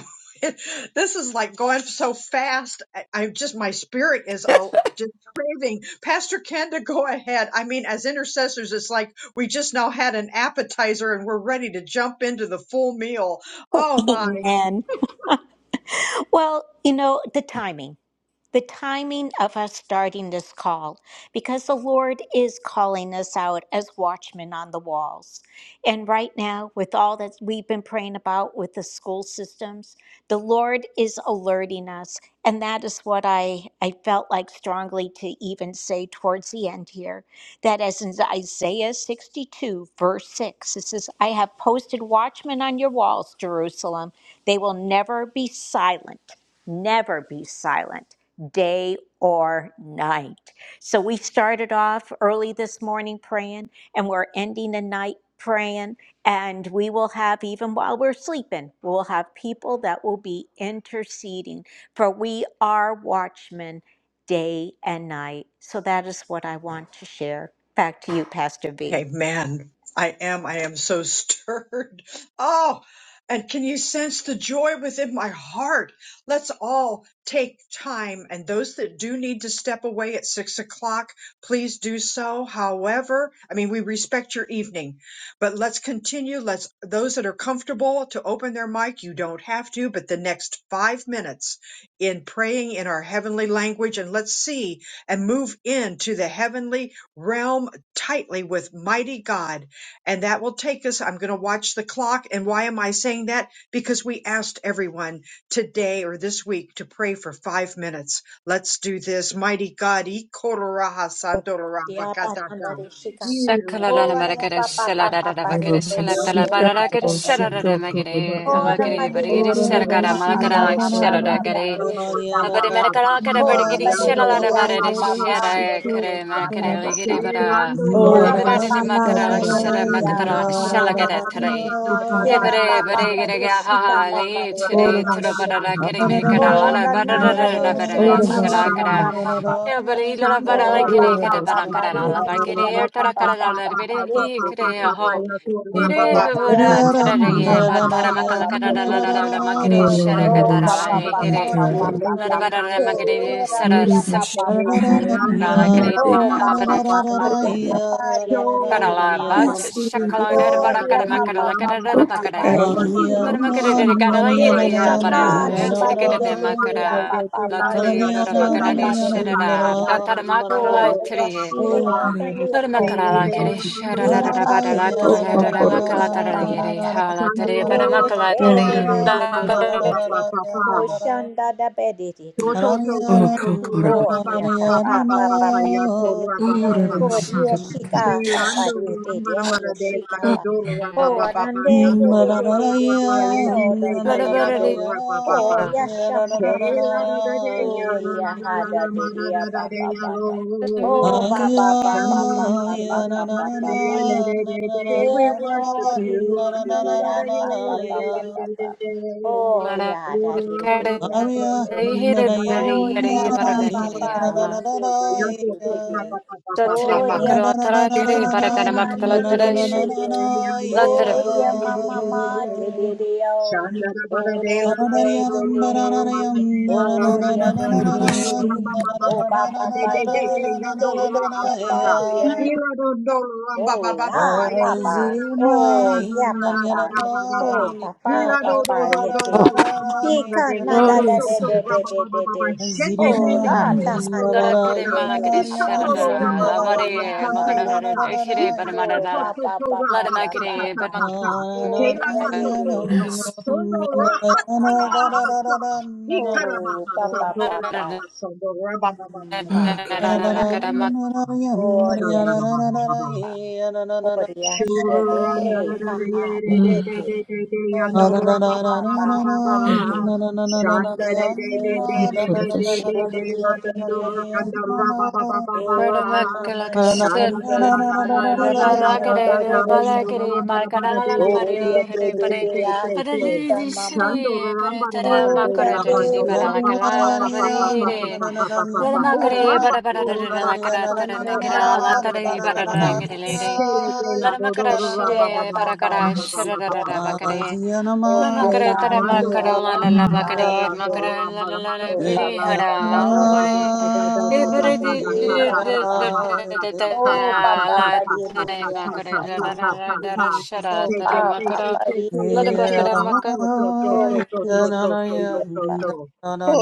[SPEAKER 2] this is like going so fast. I, I just, my spirit is uh, just craving. Pastor Ken, to go ahead. I mean, as intercessors, it's like we just now had an appetizer and we're ready to jump into the full meal. Oh, my.
[SPEAKER 4] Amen. Well, you know, the timing. the timing of us starting this call because the Lord is calling us out as watchmen on the walls. And right now, with all that we've been praying about with the school systems, the Lord is alerting us. And that is what I, I felt like strongly to even say towards the end here that as in Isaiah 62, verse 6, it says, I have posted watchmen on your walls, Jerusalem. They will never be silent, never be silent day or night. So we started off early this morning praying, and we're ending the night praying. And we will have, even while we're sleeping, we'll have people that will be interceding, for we are watchmen day and night. So that is what I want to share. Back to you, Pastor V.
[SPEAKER 2] Okay, man, I am. I am so stirred. Oh, and can you sense the joy within my heart? Let's all take time. And those that do need to step away at six o'clock, please do so. However, I mean, we respect your evening, but let's continue. Let's, those that are comfortable to open their mic, you don't have to, but the next five minutes in praying in our heavenly language, and let's see and move into the heavenly realm tightly with mighty God. And that will take us. I'm going to watch the clock. And why am I saying that? Because we asked everyone today or this week to pray for five minutes. Let's do this. Mighty God. E kororaha sandororaha
[SPEAKER 4] Dia
[SPEAKER 2] bakatata.
[SPEAKER 4] patandari shikam.
[SPEAKER 3] Sakalalala
[SPEAKER 4] Ora ya
[SPEAKER 3] marakere
[SPEAKER 4] pa pa pa pa
[SPEAKER 3] seladarada
[SPEAKER 4] pa
[SPEAKER 3] bakere
[SPEAKER 4] re de de
[SPEAKER 3] selatala
[SPEAKER 4] de de de
[SPEAKER 3] parara kere
[SPEAKER 4] de de de de
[SPEAKER 3] selarada
[SPEAKER 4] de.
[SPEAKER 3] magere
[SPEAKER 4] Ora ma
[SPEAKER 3] alakere
[SPEAKER 4] de de
[SPEAKER 3] barigere
[SPEAKER 4] de de
[SPEAKER 3] serakara
[SPEAKER 4] pa pa pa
[SPEAKER 3] malakara
[SPEAKER 4] pa pa pa pa re shika pa
[SPEAKER 3] Abare mere
[SPEAKER 4] pa.
[SPEAKER 3] kara kara
[SPEAKER 4] Ora
[SPEAKER 3] giri
[SPEAKER 4] pa de
[SPEAKER 3] shela
[SPEAKER 4] de
[SPEAKER 3] la
[SPEAKER 4] de
[SPEAKER 3] la
[SPEAKER 4] ya
[SPEAKER 3] bare
[SPEAKER 4] pa
[SPEAKER 3] de
[SPEAKER 4] pa pa de
[SPEAKER 3] shera
[SPEAKER 4] de de
[SPEAKER 3] kare
[SPEAKER 4] de
[SPEAKER 3] mere
[SPEAKER 4] ya pa
[SPEAKER 3] kare le
[SPEAKER 4] pa pa
[SPEAKER 3] giri
[SPEAKER 4] pa.
[SPEAKER 3] bara.
[SPEAKER 4] Tierra
[SPEAKER 3] Ebere
[SPEAKER 4] pa
[SPEAKER 3] de
[SPEAKER 4] pa
[SPEAKER 3] de
[SPEAKER 4] pa
[SPEAKER 3] makara
[SPEAKER 4] pa
[SPEAKER 3] la
[SPEAKER 4] de de
[SPEAKER 3] shera
[SPEAKER 4] de ya
[SPEAKER 3] makatara la
[SPEAKER 4] pa pa
[SPEAKER 3] shela
[SPEAKER 4] pa pa
[SPEAKER 3] gara
[SPEAKER 4] de de.
[SPEAKER 3] tarai.
[SPEAKER 4] Tierra pa
[SPEAKER 3] Ebere bare
[SPEAKER 4] pa pa
[SPEAKER 3] gire
[SPEAKER 4] re
[SPEAKER 3] ga ha
[SPEAKER 4] shika
[SPEAKER 3] ha
[SPEAKER 4] pa pa
[SPEAKER 3] le
[SPEAKER 4] re de
[SPEAKER 3] chiri
[SPEAKER 4] de de
[SPEAKER 3] turo
[SPEAKER 4] de
[SPEAKER 3] bara
[SPEAKER 4] de
[SPEAKER 3] la
[SPEAKER 4] de.
[SPEAKER 3] kare me
[SPEAKER 4] Ora na na
[SPEAKER 3] rara
[SPEAKER 4] de
[SPEAKER 3] la bara
[SPEAKER 4] shika pa
[SPEAKER 2] Shando
[SPEAKER 4] pa
[SPEAKER 3] shela
[SPEAKER 2] ra
[SPEAKER 4] pa
[SPEAKER 2] ba
[SPEAKER 3] kara.
[SPEAKER 4] pa
[SPEAKER 2] ba ba
[SPEAKER 4] pa
[SPEAKER 2] ba
[SPEAKER 4] pa
[SPEAKER 2] ba.
[SPEAKER 4] pa
[SPEAKER 3] Ebere la la ba
[SPEAKER 2] Shando
[SPEAKER 4] Oh,
[SPEAKER 2] ra
[SPEAKER 4] pa
[SPEAKER 2] ba ba
[SPEAKER 4] pa
[SPEAKER 2] ba ba
[SPEAKER 4] pa
[SPEAKER 2] ba
[SPEAKER 4] pa,
[SPEAKER 2] ba
[SPEAKER 3] la
[SPEAKER 2] ba
[SPEAKER 3] bara
[SPEAKER 4] yes,
[SPEAKER 2] ba ba
[SPEAKER 4] kita
[SPEAKER 2] ba ba
[SPEAKER 4] rata
[SPEAKER 2] ba
[SPEAKER 4] pa
[SPEAKER 3] la
[SPEAKER 4] pa
[SPEAKER 2] ba ba
[SPEAKER 3] la
[SPEAKER 4] pa
[SPEAKER 2] ba
[SPEAKER 4] pa,
[SPEAKER 3] bare
[SPEAKER 4] yes,
[SPEAKER 2] ba
[SPEAKER 3] hi
[SPEAKER 4] do do
[SPEAKER 2] ba
[SPEAKER 3] kare
[SPEAKER 4] do
[SPEAKER 2] ba
[SPEAKER 4] do
[SPEAKER 2] ba
[SPEAKER 3] ho.
[SPEAKER 4] do
[SPEAKER 2] ya
[SPEAKER 4] do.
[SPEAKER 2] to ra ba
[SPEAKER 3] Ire
[SPEAKER 2] ba ba ba ba
[SPEAKER 4] Korea,
[SPEAKER 3] hubura
[SPEAKER 2] ba
[SPEAKER 4] pa
[SPEAKER 2] ba
[SPEAKER 4] pa
[SPEAKER 2] ba
[SPEAKER 3] tarare
[SPEAKER 4] pa
[SPEAKER 3] ye
[SPEAKER 4] pa
[SPEAKER 3] ba
[SPEAKER 2] ba
[SPEAKER 4] pa
[SPEAKER 3] tara
[SPEAKER 2] ba
[SPEAKER 4] pa
[SPEAKER 2] ba
[SPEAKER 3] makala
[SPEAKER 4] pa
[SPEAKER 2] ya
[SPEAKER 3] kara
[SPEAKER 2] to
[SPEAKER 4] pa pa
[SPEAKER 3] la
[SPEAKER 2] to
[SPEAKER 3] la la
[SPEAKER 4] pa
[SPEAKER 3] la
[SPEAKER 2] ra
[SPEAKER 3] la
[SPEAKER 4] pa
[SPEAKER 2] ba ba
[SPEAKER 4] pa
[SPEAKER 1] Thank
[SPEAKER 4] pa.
[SPEAKER 2] ba
[SPEAKER 3] makare shera
[SPEAKER 5] Hallelujah.
[SPEAKER 2] yando
[SPEAKER 4] Oh,
[SPEAKER 1] you,
[SPEAKER 3] katara
[SPEAKER 4] pa
[SPEAKER 1] Jesus.
[SPEAKER 2] ram
[SPEAKER 3] la
[SPEAKER 4] pa
[SPEAKER 2] ba
[SPEAKER 3] e
[SPEAKER 4] pa
[SPEAKER 2] ram
[SPEAKER 4] pa
[SPEAKER 3] here.
[SPEAKER 2] ba
[SPEAKER 4] pa
[SPEAKER 2] de
[SPEAKER 4] pa
[SPEAKER 2] le
[SPEAKER 4] pa
[SPEAKER 3] La
[SPEAKER 2] de
[SPEAKER 4] pa pa.
[SPEAKER 2] na
[SPEAKER 3] bara la
[SPEAKER 2] ro ro ro
[SPEAKER 3] makare
[SPEAKER 4] Korea,
[SPEAKER 2] ro.
[SPEAKER 3] shera
[SPEAKER 4] Russia, pa
[SPEAKER 3] sem
[SPEAKER 4] pa pa
[SPEAKER 2] Hey,
[SPEAKER 4] pa pa
[SPEAKER 2] ram
[SPEAKER 4] pa.
[SPEAKER 3] la
[SPEAKER 2] ba
[SPEAKER 3] la
[SPEAKER 2] ram ba ra ba
[SPEAKER 4] Oh,
[SPEAKER 2] ba ba
[SPEAKER 4] pa
[SPEAKER 2] ba
[SPEAKER 4] pa
[SPEAKER 2] ba
[SPEAKER 4] pa
[SPEAKER 2] ba
[SPEAKER 4] pa
[SPEAKER 2] ba.
[SPEAKER 4] pa pa pa,
[SPEAKER 2] Shandora
[SPEAKER 4] yes, yes, pa
[SPEAKER 2] ba
[SPEAKER 3] Karala
[SPEAKER 4] pa pa.
[SPEAKER 2] ba
[SPEAKER 3] bacha
[SPEAKER 2] ba
[SPEAKER 1] Yes,
[SPEAKER 2] ba ba ba ba
[SPEAKER 3] shakala
[SPEAKER 1] Lord.
[SPEAKER 4] Oh,
[SPEAKER 3] bara kana
[SPEAKER 4] dia pa
[SPEAKER 3] makara
[SPEAKER 4] pa
[SPEAKER 3] la
[SPEAKER 4] pa
[SPEAKER 3] kana
[SPEAKER 4] pa
[SPEAKER 3] da
[SPEAKER 1] Oh,
[SPEAKER 4] pa pa,
[SPEAKER 3] bakara.
[SPEAKER 4] yes, yes, yes.
[SPEAKER 3] Then
[SPEAKER 4] yes,
[SPEAKER 3] makara
[SPEAKER 4] yes.
[SPEAKER 3] de kana la
[SPEAKER 4] Yes,
[SPEAKER 3] gira
[SPEAKER 4] na
[SPEAKER 3] bara.
[SPEAKER 4] na
[SPEAKER 3] It's
[SPEAKER 4] pa
[SPEAKER 3] the get
[SPEAKER 4] de de
[SPEAKER 3] de
[SPEAKER 4] de de ya pa
[SPEAKER 3] makara
[SPEAKER 4] pa
[SPEAKER 3] la tari
[SPEAKER 4] yes
[SPEAKER 3] bara
[SPEAKER 4] she ka
[SPEAKER 3] makara de
[SPEAKER 4] de de
[SPEAKER 3] shara.
[SPEAKER 4] de de ya.
[SPEAKER 3] Datara
[SPEAKER 4] Ho
[SPEAKER 3] makara la
[SPEAKER 4] yes
[SPEAKER 3] tari.
[SPEAKER 4] she na ta ni
[SPEAKER 3] Then
[SPEAKER 4] ko
[SPEAKER 3] makara
[SPEAKER 4] ka
[SPEAKER 3] la
[SPEAKER 4] da.
[SPEAKER 3] kiri shara
[SPEAKER 4] Ki
[SPEAKER 3] da
[SPEAKER 4] ra
[SPEAKER 3] da
[SPEAKER 4] pa
[SPEAKER 3] bara
[SPEAKER 4] de
[SPEAKER 3] la
[SPEAKER 4] de
[SPEAKER 1] Oh,
[SPEAKER 3] tara
[SPEAKER 4] si
[SPEAKER 3] la
[SPEAKER 4] ka
[SPEAKER 3] da
[SPEAKER 4] da
[SPEAKER 3] da
[SPEAKER 4] de
[SPEAKER 3] makala
[SPEAKER 4] sha
[SPEAKER 3] tara yiri hala tari bara makala
[SPEAKER 4] de
[SPEAKER 3] tari.
[SPEAKER 4] de de
[SPEAKER 2] ba
[SPEAKER 4] de de
[SPEAKER 2] ba
[SPEAKER 4] de de.
[SPEAKER 2] ba ba
[SPEAKER 4] Ho
[SPEAKER 2] ba.
[SPEAKER 4] shanda da da de de
[SPEAKER 2] To
[SPEAKER 4] de de.
[SPEAKER 2] to to
[SPEAKER 5] Aria,
[SPEAKER 2] to
[SPEAKER 1] oh,
[SPEAKER 2] to to
[SPEAKER 1] Kokoraba.
[SPEAKER 2] pa
[SPEAKER 4] Ho
[SPEAKER 2] pa
[SPEAKER 4] ya
[SPEAKER 2] pa
[SPEAKER 4] ta
[SPEAKER 2] pa pa
[SPEAKER 4] pa
[SPEAKER 2] pa
[SPEAKER 4] pa
[SPEAKER 2] pa
[SPEAKER 4] pa
[SPEAKER 2] pa
[SPEAKER 4] pa.
[SPEAKER 2] ya to
[SPEAKER 4] de
[SPEAKER 2] ra
[SPEAKER 4] de.
[SPEAKER 1] oh,
[SPEAKER 2] pa pa pa
[SPEAKER 4] Ho
[SPEAKER 2] pa pa.
[SPEAKER 1] Rabashida.
[SPEAKER 4] yes she
[SPEAKER 2] Shelando
[SPEAKER 4] de de
[SPEAKER 2] ramba
[SPEAKER 4] de ya
[SPEAKER 2] ramba ra
[SPEAKER 4] yes
[SPEAKER 2] de
[SPEAKER 4] she
[SPEAKER 2] la
[SPEAKER 4] ka
[SPEAKER 2] do
[SPEAKER 4] pa.
[SPEAKER 1] Oh,
[SPEAKER 2] do pa pa pa pa
[SPEAKER 4] de
[SPEAKER 2] ya
[SPEAKER 4] de
[SPEAKER 2] do
[SPEAKER 4] de de
[SPEAKER 2] pa
[SPEAKER 4] de
[SPEAKER 2] pa
[SPEAKER 4] de
[SPEAKER 2] pa pa
[SPEAKER 4] ya
[SPEAKER 2] ye
[SPEAKER 4] ta
[SPEAKER 2] de
[SPEAKER 4] o
[SPEAKER 2] de
[SPEAKER 3] La
[SPEAKER 2] de
[SPEAKER 3] da
[SPEAKER 2] ya
[SPEAKER 3] bara
[SPEAKER 2] do
[SPEAKER 3] de.
[SPEAKER 2] ra pa pa pa.
[SPEAKER 4] Horia
[SPEAKER 2] Shela
[SPEAKER 4] shamama.
[SPEAKER 2] de ya la
[SPEAKER 4] Horia
[SPEAKER 2] la la la
[SPEAKER 4] hada
[SPEAKER 2] la
[SPEAKER 4] de
[SPEAKER 2] ma ra
[SPEAKER 4] dia
[SPEAKER 2] ra ra
[SPEAKER 4] ba
[SPEAKER 2] de
[SPEAKER 4] ba
[SPEAKER 2] ya
[SPEAKER 4] ba ba. Ho
[SPEAKER 2] lo.
[SPEAKER 4] papa, papa,
[SPEAKER 2] We
[SPEAKER 4] papa, papa, papa. ba Dear Lord, di di di di do ya, pa pa pa pa pa pa. Oh
[SPEAKER 3] La
[SPEAKER 4] ya, da di di
[SPEAKER 3] kare.
[SPEAKER 4] di ya, da. do.
[SPEAKER 3] Hire bara
[SPEAKER 4] Oh
[SPEAKER 3] hire
[SPEAKER 4] ya,
[SPEAKER 3] bara
[SPEAKER 4] pa
[SPEAKER 3] da
[SPEAKER 4] pa pa, di
[SPEAKER 3] kiri
[SPEAKER 4] do di di di.
[SPEAKER 2] worship
[SPEAKER 4] do.
[SPEAKER 3] Satri
[SPEAKER 4] Oh
[SPEAKER 5] Na
[SPEAKER 2] you.
[SPEAKER 5] na
[SPEAKER 4] ya,
[SPEAKER 3] makara
[SPEAKER 5] na
[SPEAKER 4] ma ma
[SPEAKER 5] na na
[SPEAKER 3] tara
[SPEAKER 5] na
[SPEAKER 2] Shende
[SPEAKER 3] kare
[SPEAKER 5] na
[SPEAKER 4] ma
[SPEAKER 5] na
[SPEAKER 3] barakana
[SPEAKER 4] ma,
[SPEAKER 3] makatala
[SPEAKER 4] di di
[SPEAKER 5] na na
[SPEAKER 4] di
[SPEAKER 5] na na
[SPEAKER 4] di
[SPEAKER 3] teresha.
[SPEAKER 5] na
[SPEAKER 4] do.
[SPEAKER 5] na
[SPEAKER 3] Latara
[SPEAKER 4] Oh ya, ma ma
[SPEAKER 5] yeah.
[SPEAKER 4] ma, di di do yo. Oh no, di di
[SPEAKER 5] Paranariyam
[SPEAKER 4] di.
[SPEAKER 5] paranariyam na na na
[SPEAKER 4] Oh ya,
[SPEAKER 5] na
[SPEAKER 4] di
[SPEAKER 5] na na
[SPEAKER 4] di.
[SPEAKER 5] na na
[SPEAKER 1] Kokorabashi.
[SPEAKER 5] na na
[SPEAKER 4] Oh
[SPEAKER 5] na
[SPEAKER 4] pa
[SPEAKER 5] na
[SPEAKER 4] pa
[SPEAKER 5] na
[SPEAKER 4] pa, di
[SPEAKER 5] na na
[SPEAKER 4] di
[SPEAKER 5] na na
[SPEAKER 4] di di
[SPEAKER 5] na na
[SPEAKER 4] pa pa do ya.
[SPEAKER 5] yeah.
[SPEAKER 4] Oh, ah, Papa. Oh,
[SPEAKER 5] Azirimai
[SPEAKER 4] yeah,
[SPEAKER 5] na na na
[SPEAKER 4] Papa. Oh,
[SPEAKER 5] mari ni na
[SPEAKER 4] Papa,
[SPEAKER 5] na
[SPEAKER 4] Papa,
[SPEAKER 5] na
[SPEAKER 4] yeti.
[SPEAKER 1] oh,
[SPEAKER 5] na na na yeah.
[SPEAKER 4] Shika
[SPEAKER 1] Oh,
[SPEAKER 4] nanda da
[SPEAKER 1] yes,
[SPEAKER 4] de de
[SPEAKER 1] Saraba.
[SPEAKER 4] de de de de.
[SPEAKER 1] Yes,
[SPEAKER 4] Oh,
[SPEAKER 5] Aziriram
[SPEAKER 1] Lord.
[SPEAKER 4] rata
[SPEAKER 1] Yes,
[SPEAKER 5] na na
[SPEAKER 4] manda
[SPEAKER 3] tara
[SPEAKER 5] na
[SPEAKER 4] de
[SPEAKER 3] kare
[SPEAKER 2] name,
[SPEAKER 5] na
[SPEAKER 4] de de,
[SPEAKER 5] na na na
[SPEAKER 3] malakaresha
[SPEAKER 4] Papa.
[SPEAKER 5] na
[SPEAKER 1] yes,
[SPEAKER 3] rara.
[SPEAKER 1] Lord.
[SPEAKER 5] na
[SPEAKER 4] Oh, yeah,
[SPEAKER 3] Lavare makara
[SPEAKER 4] Papa.
[SPEAKER 3] rara.
[SPEAKER 5] na
[SPEAKER 3] Ekere
[SPEAKER 5] yeah.
[SPEAKER 3] baramara
[SPEAKER 4] Oh,
[SPEAKER 3] rara.
[SPEAKER 4] Papa, Papa,
[SPEAKER 3] Lada
[SPEAKER 4] Papa,
[SPEAKER 3] magare
[SPEAKER 4] Papa.
[SPEAKER 3] baramakara.
[SPEAKER 4] Oh, da de de ka.
[SPEAKER 1] Yes.
[SPEAKER 4] Oh, shama ba. Oh, Papa, Papa. Hmm, pa,
[SPEAKER 1] oh,
[SPEAKER 4] yeshika da da. Oh, yes.
[SPEAKER 2] Ikarabaha
[SPEAKER 4] Oria shede de kaha
[SPEAKER 1] God.
[SPEAKER 4] de de oda ma pa pa ha de de oria de oria de de de o nama ma de
[SPEAKER 3] Baramakalakasha
[SPEAKER 4] de de
[SPEAKER 3] rara.
[SPEAKER 4] Sir hai
[SPEAKER 3] Barakare rara.
[SPEAKER 4] de sama
[SPEAKER 3] Balakare makara la la la barere
[SPEAKER 4] oria
[SPEAKER 5] Yeah.
[SPEAKER 4] de
[SPEAKER 3] here
[SPEAKER 4] de
[SPEAKER 3] bare.
[SPEAKER 4] de a
[SPEAKER 3] Barere
[SPEAKER 4] sita
[SPEAKER 3] di
[SPEAKER 4] mama
[SPEAKER 3] shere bare tara
[SPEAKER 4] o da
[SPEAKER 3] makara rara di
[SPEAKER 4] de de de
[SPEAKER 3] baralakala
[SPEAKER 4] ko
[SPEAKER 3] la la
[SPEAKER 4] pa pa pa
[SPEAKER 3] barere.
[SPEAKER 4] pa pa
[SPEAKER 3] Laramakare
[SPEAKER 4] ko pa
[SPEAKER 3] barabararakarataramagra
[SPEAKER 4] pa pa pa
[SPEAKER 3] latare
[SPEAKER 4] pa
[SPEAKER 2] Shandoramba
[SPEAKER 4] pa
[SPEAKER 3] bararangerele.
[SPEAKER 2] Shele Kela Dodo Rabba
[SPEAKER 4] Tera
[SPEAKER 2] Baba
[SPEAKER 3] Laramakarashire
[SPEAKER 4] pa
[SPEAKER 2] Baba Baba
[SPEAKER 4] pa de de
[SPEAKER 2] Baba Baba
[SPEAKER 3] barakarashirarara
[SPEAKER 4] ya.
[SPEAKER 2] Baba Baba
[SPEAKER 3] bakare.
[SPEAKER 4] Oh,
[SPEAKER 3] Lamakare
[SPEAKER 2] Shela
[SPEAKER 4] papa, papa,
[SPEAKER 2] Bando
[SPEAKER 3] taramakara la
[SPEAKER 4] papa,
[SPEAKER 3] la la
[SPEAKER 2] Ramba
[SPEAKER 1] I
[SPEAKER 2] Ramada
[SPEAKER 4] papa.
[SPEAKER 3] bakare.
[SPEAKER 2] Dando
[SPEAKER 3] Makara la
[SPEAKER 2] Ramba
[SPEAKER 3] la la
[SPEAKER 2] Ramada
[SPEAKER 3] la
[SPEAKER 4] Oh,
[SPEAKER 2] Danda
[SPEAKER 3] biri
[SPEAKER 4] papa,
[SPEAKER 2] Ramba
[SPEAKER 4] papa,
[SPEAKER 2] Kada
[SPEAKER 3] hara
[SPEAKER 4] papa.
[SPEAKER 2] Kada
[SPEAKER 3] ore.
[SPEAKER 2] Kada Kada Kada
[SPEAKER 3] Ibere
[SPEAKER 2] Kada
[SPEAKER 3] di
[SPEAKER 2] Kada
[SPEAKER 4] Viva,
[SPEAKER 2] Kada
[SPEAKER 3] la
[SPEAKER 4] papa.
[SPEAKER 2] Maha Kada
[SPEAKER 4] Oh,
[SPEAKER 2] Kada
[SPEAKER 4] papa,
[SPEAKER 2] Kada
[SPEAKER 4] papa,
[SPEAKER 2] Kada
[SPEAKER 3] tare
[SPEAKER 2] Kada Kada
[SPEAKER 3] makare
[SPEAKER 4] papa,
[SPEAKER 2] Kada Kada
[SPEAKER 4] papa.
[SPEAKER 2] Kada
[SPEAKER 3] darashara
[SPEAKER 4] Oh,
[SPEAKER 2] Say say
[SPEAKER 4] papa,
[SPEAKER 2] say say
[SPEAKER 3] taramakara.
[SPEAKER 4] papa,
[SPEAKER 2] say say say
[SPEAKER 4] papa.
[SPEAKER 2] say La Pa
[SPEAKER 3] Larabakara
[SPEAKER 2] To To To
[SPEAKER 4] Oh,
[SPEAKER 2] To To To
[SPEAKER 4] Jesus,
[SPEAKER 2] To To
[SPEAKER 4] dear
[SPEAKER 2] To To
[SPEAKER 4] papa.
[SPEAKER 2] To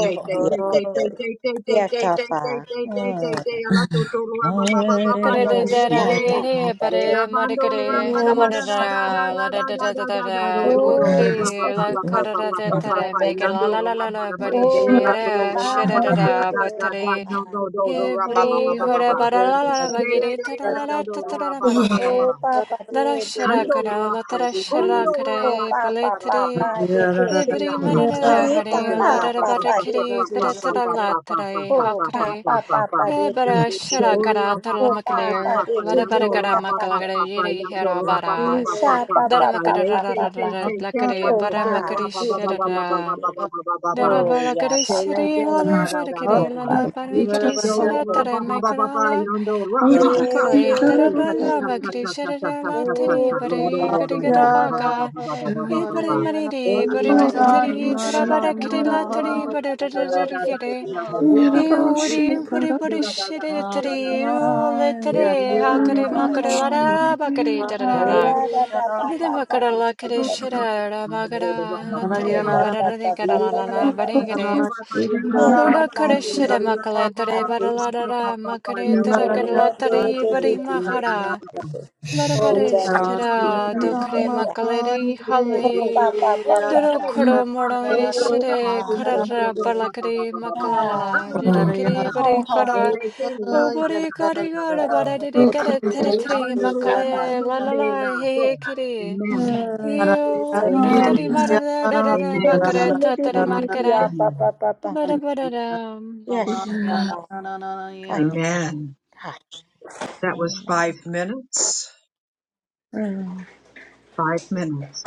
[SPEAKER 2] Shake, shake,
[SPEAKER 4] yeah,
[SPEAKER 2] shake, shake,
[SPEAKER 4] papa.
[SPEAKER 2] shake, shake, shake, shake,
[SPEAKER 4] Yeah,
[SPEAKER 2] shake, shake, shake, shake,
[SPEAKER 4] papa.
[SPEAKER 2] shake, shake,
[SPEAKER 4] Mm.
[SPEAKER 2] shake. Ala tu tu lu ra ba ba ba ba ba da
[SPEAKER 3] Karere
[SPEAKER 4] Oh,
[SPEAKER 2] de
[SPEAKER 3] de
[SPEAKER 2] de
[SPEAKER 3] la
[SPEAKER 2] de.
[SPEAKER 4] shut up,
[SPEAKER 3] regere
[SPEAKER 2] Le
[SPEAKER 4] papa.
[SPEAKER 2] la
[SPEAKER 3] pare
[SPEAKER 2] bando lu ra ba da ma
[SPEAKER 4] Oh,
[SPEAKER 2] da da
[SPEAKER 4] shut
[SPEAKER 2] da
[SPEAKER 4] up,
[SPEAKER 2] da da
[SPEAKER 3] Kadadadadadagadi, da
[SPEAKER 2] da
[SPEAKER 4] papa.
[SPEAKER 3] da
[SPEAKER 2] da da da da do do do
[SPEAKER 4] Oh,
[SPEAKER 2] do ra
[SPEAKER 1] thought
[SPEAKER 2] ba
[SPEAKER 4] tipa,
[SPEAKER 2] ba ba ba
[SPEAKER 4] tipa,
[SPEAKER 2] ba
[SPEAKER 3] da da
[SPEAKER 2] ba
[SPEAKER 3] da da mega la karara de
[SPEAKER 4] tipa,
[SPEAKER 2] ba ba
[SPEAKER 3] tare
[SPEAKER 2] ba.
[SPEAKER 3] mege
[SPEAKER 4] papa.
[SPEAKER 3] la
[SPEAKER 2] Yando
[SPEAKER 3] la
[SPEAKER 2] lu
[SPEAKER 3] la
[SPEAKER 2] ra
[SPEAKER 3] la,
[SPEAKER 2] ba
[SPEAKER 3] la
[SPEAKER 2] da ma da
[SPEAKER 3] bari
[SPEAKER 2] de la
[SPEAKER 4] Oh,
[SPEAKER 2] tu tu
[SPEAKER 3] shire
[SPEAKER 2] lu ra
[SPEAKER 3] shere
[SPEAKER 2] ba
[SPEAKER 5] Yeah.
[SPEAKER 3] da
[SPEAKER 2] da
[SPEAKER 4] divanda,
[SPEAKER 2] da
[SPEAKER 4] de,
[SPEAKER 3] da
[SPEAKER 2] da
[SPEAKER 4] de,
[SPEAKER 2] da da da
[SPEAKER 3] batari,
[SPEAKER 2] no
[SPEAKER 4] papa.
[SPEAKER 2] no do do ra ba ba ba
[SPEAKER 4] Oh,
[SPEAKER 3] hibri,
[SPEAKER 2] ba
[SPEAKER 4] do,
[SPEAKER 2] ba
[SPEAKER 3] hoda,
[SPEAKER 2] ba.
[SPEAKER 4] do,
[SPEAKER 3] bada
[SPEAKER 4] do,
[SPEAKER 3] la la
[SPEAKER 4] do, do,
[SPEAKER 3] la,
[SPEAKER 4] do,
[SPEAKER 2] Shele
[SPEAKER 3] bagiri,
[SPEAKER 2] de
[SPEAKER 3] tada
[SPEAKER 4] do,
[SPEAKER 2] la
[SPEAKER 3] la
[SPEAKER 2] do
[SPEAKER 3] la,
[SPEAKER 4] do,
[SPEAKER 2] do lu
[SPEAKER 4] do.
[SPEAKER 3] tatada
[SPEAKER 2] ra
[SPEAKER 3] la
[SPEAKER 2] ba ba ba ba
[SPEAKER 3] magiri,
[SPEAKER 2] ba.
[SPEAKER 4] Oh, pa, pa,
[SPEAKER 3] dada
[SPEAKER 4] de, de,
[SPEAKER 3] shada
[SPEAKER 4] de, de,
[SPEAKER 3] kada,
[SPEAKER 2] Kandola,
[SPEAKER 4] de, de,
[SPEAKER 3] latada
[SPEAKER 4] da.
[SPEAKER 3] shada
[SPEAKER 2] hasondora
[SPEAKER 4] Oh,
[SPEAKER 3] kada,
[SPEAKER 4] pa, pa, pa,
[SPEAKER 2] hatatarabaha.
[SPEAKER 3] baletari,
[SPEAKER 4] pa, de, de.
[SPEAKER 2] Shela
[SPEAKER 3] hibri
[SPEAKER 2] patana
[SPEAKER 3] madada,
[SPEAKER 4] Shi,
[SPEAKER 3] da
[SPEAKER 4] pa,
[SPEAKER 2] haridera
[SPEAKER 4] pa,
[SPEAKER 3] da
[SPEAKER 2] pa
[SPEAKER 4] pa,
[SPEAKER 2] pa
[SPEAKER 3] bada
[SPEAKER 4] pa,
[SPEAKER 2] pa
[SPEAKER 4] de,
[SPEAKER 2] pa
[SPEAKER 4] de,
[SPEAKER 3] kiri,
[SPEAKER 2] pa pa
[SPEAKER 4] de,
[SPEAKER 3] tada
[SPEAKER 4] shi,
[SPEAKER 3] tada
[SPEAKER 2] pa
[SPEAKER 4] ka.
[SPEAKER 3] la,
[SPEAKER 2] pa pa pa
[SPEAKER 3] tada,
[SPEAKER 2] pa pa
[SPEAKER 4] Oh,
[SPEAKER 2] pa
[SPEAKER 3] hakari,
[SPEAKER 2] pa
[SPEAKER 4] pa,
[SPEAKER 2] pa
[SPEAKER 4] pa,
[SPEAKER 2] pa
[SPEAKER 4] pa,
[SPEAKER 2] pa.
[SPEAKER 4] pa, de,
[SPEAKER 3] Ebara
[SPEAKER 4] de, de, de,
[SPEAKER 3] shara
[SPEAKER 4] de.
[SPEAKER 2] Shora
[SPEAKER 3] kara
[SPEAKER 2] pa
[SPEAKER 4] Oh,
[SPEAKER 2] pa pa
[SPEAKER 4] pa,
[SPEAKER 2] pa
[SPEAKER 3] tarlamakler,
[SPEAKER 2] pa
[SPEAKER 4] pa, de,
[SPEAKER 2] pa
[SPEAKER 4] de, de,
[SPEAKER 3] larabara
[SPEAKER 4] de,
[SPEAKER 3] kara
[SPEAKER 2] yandora
[SPEAKER 4] ka,
[SPEAKER 2] pa
[SPEAKER 4] pa,
[SPEAKER 2] pa
[SPEAKER 4] de.
[SPEAKER 2] pa
[SPEAKER 3] makalagare
[SPEAKER 2] pa
[SPEAKER 3] yeri hera
[SPEAKER 2] yandora pa pa
[SPEAKER 3] bara,
[SPEAKER 4] Shi,
[SPEAKER 2] pa pa
[SPEAKER 4] sha,
[SPEAKER 2] pa
[SPEAKER 4] pa,
[SPEAKER 2] pa
[SPEAKER 4] pa,
[SPEAKER 2] pa
[SPEAKER 4] pa,
[SPEAKER 3] daramakara
[SPEAKER 2] ye
[SPEAKER 4] pa,
[SPEAKER 2] se
[SPEAKER 4] pa,
[SPEAKER 2] se
[SPEAKER 4] pa.
[SPEAKER 2] se se la
[SPEAKER 3] lakare,
[SPEAKER 4] Oh,
[SPEAKER 2] to to
[SPEAKER 4] pa,
[SPEAKER 2] la
[SPEAKER 3] baramakari
[SPEAKER 2] ba
[SPEAKER 4] de,
[SPEAKER 2] ba ba
[SPEAKER 4] de,
[SPEAKER 5] Yeah.
[SPEAKER 2] ba
[SPEAKER 4] de,
[SPEAKER 2] ba ba
[SPEAKER 4] de,
[SPEAKER 2] ba
[SPEAKER 3] shara,
[SPEAKER 2] ba
[SPEAKER 4] de.
[SPEAKER 2] ba ba ba ba
[SPEAKER 4] Oh, ya,
[SPEAKER 3] darabalakare
[SPEAKER 4] pa,
[SPEAKER 2] Shela
[SPEAKER 4] pa,
[SPEAKER 3] shari,
[SPEAKER 2] de
[SPEAKER 4] pa.
[SPEAKER 2] la
[SPEAKER 3] larabara
[SPEAKER 2] da da
[SPEAKER 4] Oh,
[SPEAKER 3] kiri,
[SPEAKER 2] da.
[SPEAKER 4] pa, pa.
[SPEAKER 3] larabara kiri
[SPEAKER 2] Shon
[SPEAKER 3] shara
[SPEAKER 2] ra
[SPEAKER 4] Oh,
[SPEAKER 2] ba
[SPEAKER 4] pa.
[SPEAKER 2] ba ba ba ba
[SPEAKER 3] taramakarala,
[SPEAKER 2] yando ra ha sa
[SPEAKER 4] Oh,
[SPEAKER 3] darabakare,
[SPEAKER 2] sa e ta ta
[SPEAKER 3] darabala
[SPEAKER 2] ta ta
[SPEAKER 3] bakri
[SPEAKER 2] ta ta
[SPEAKER 3] shara
[SPEAKER 2] ta ta ta ta
[SPEAKER 3] latari,
[SPEAKER 2] ta lo do
[SPEAKER 3] bari
[SPEAKER 2] do
[SPEAKER 4] Papa,
[SPEAKER 3] gari
[SPEAKER 2] do do
[SPEAKER 3] gara
[SPEAKER 2] ra ba ba ba
[SPEAKER 3] baka,
[SPEAKER 2] ba ba ba ba ba
[SPEAKER 3] e
[SPEAKER 2] ba
[SPEAKER 3] bari
[SPEAKER 2] ba
[SPEAKER 3] mariri, bari tiri,
[SPEAKER 2] da da da
[SPEAKER 3] tarabara
[SPEAKER 2] da
[SPEAKER 3] kiri
[SPEAKER 2] ra ba
[SPEAKER 3] latari,
[SPEAKER 2] ra ma da da da da da da
[SPEAKER 3] bari
[SPEAKER 2] da da worship you worship
[SPEAKER 3] Iuri
[SPEAKER 2] you
[SPEAKER 3] buri
[SPEAKER 2] da
[SPEAKER 3] buri
[SPEAKER 2] da da da da
[SPEAKER 3] shiri
[SPEAKER 2] da da
[SPEAKER 3] tiri
[SPEAKER 2] da da
[SPEAKER 3] ule tere
[SPEAKER 2] e
[SPEAKER 3] hakare
[SPEAKER 2] ra ma
[SPEAKER 3] makare
[SPEAKER 2] da da
[SPEAKER 3] lara
[SPEAKER 2] da
[SPEAKER 3] bakare
[SPEAKER 2] o
[SPEAKER 3] tarara.
[SPEAKER 2] ra ba
[SPEAKER 5] Mama,
[SPEAKER 2] ba
[SPEAKER 3] Dede
[SPEAKER 4] Papa,
[SPEAKER 2] ba ba
[SPEAKER 4] Papa,
[SPEAKER 2] ba ba ba ba
[SPEAKER 3] bakara la kare
[SPEAKER 2] ba
[SPEAKER 3] shira ra
[SPEAKER 2] ba ba ba
[SPEAKER 3] bagara
[SPEAKER 2] ba
[SPEAKER 3] la
[SPEAKER 2] ba ba ba
[SPEAKER 3] tere barara de gara
[SPEAKER 2] Amen.
[SPEAKER 3] la la la bari gare. Lura kare shira makale tere barala ra ra makare tera kare la tere bari mahara. Lara bari shira do kare makale re hale. Dorokoro moroi
[SPEAKER 4] Oh,
[SPEAKER 3] shire karara
[SPEAKER 4] Papa,
[SPEAKER 3] balakari makalala
[SPEAKER 4] Ah,
[SPEAKER 3] jirikiri
[SPEAKER 4] oh, oh,
[SPEAKER 3] barikara
[SPEAKER 4] oh.
[SPEAKER 3] obori karigara
[SPEAKER 4] Oh, do,
[SPEAKER 3] baradi
[SPEAKER 4] do,
[SPEAKER 3] gara
[SPEAKER 4] do,
[SPEAKER 3] teri
[SPEAKER 4] do, do,
[SPEAKER 3] teritri
[SPEAKER 4] do, Papa.
[SPEAKER 3] makale lalala hehe kiri
[SPEAKER 4] Hmm,
[SPEAKER 3] yo
[SPEAKER 4] Jesus,
[SPEAKER 3] dutari
[SPEAKER 2] Amen.
[SPEAKER 4] Jesus.
[SPEAKER 3] marada darada
[SPEAKER 4] Oh,
[SPEAKER 2] Amen.
[SPEAKER 3] makara
[SPEAKER 4] she did, did,
[SPEAKER 3] tatara
[SPEAKER 4] did, did, did,
[SPEAKER 3] markara
[SPEAKER 4] ah, Papa,
[SPEAKER 2] Amen.
[SPEAKER 4] Papa, Papa.
[SPEAKER 3] bara bara
[SPEAKER 4] Yes, Papa. God, did it.
[SPEAKER 2] Amen.
[SPEAKER 4] God.
[SPEAKER 2] That was
[SPEAKER 4] Amen.
[SPEAKER 2] five minutes.
[SPEAKER 4] Mm,
[SPEAKER 2] Five minutes.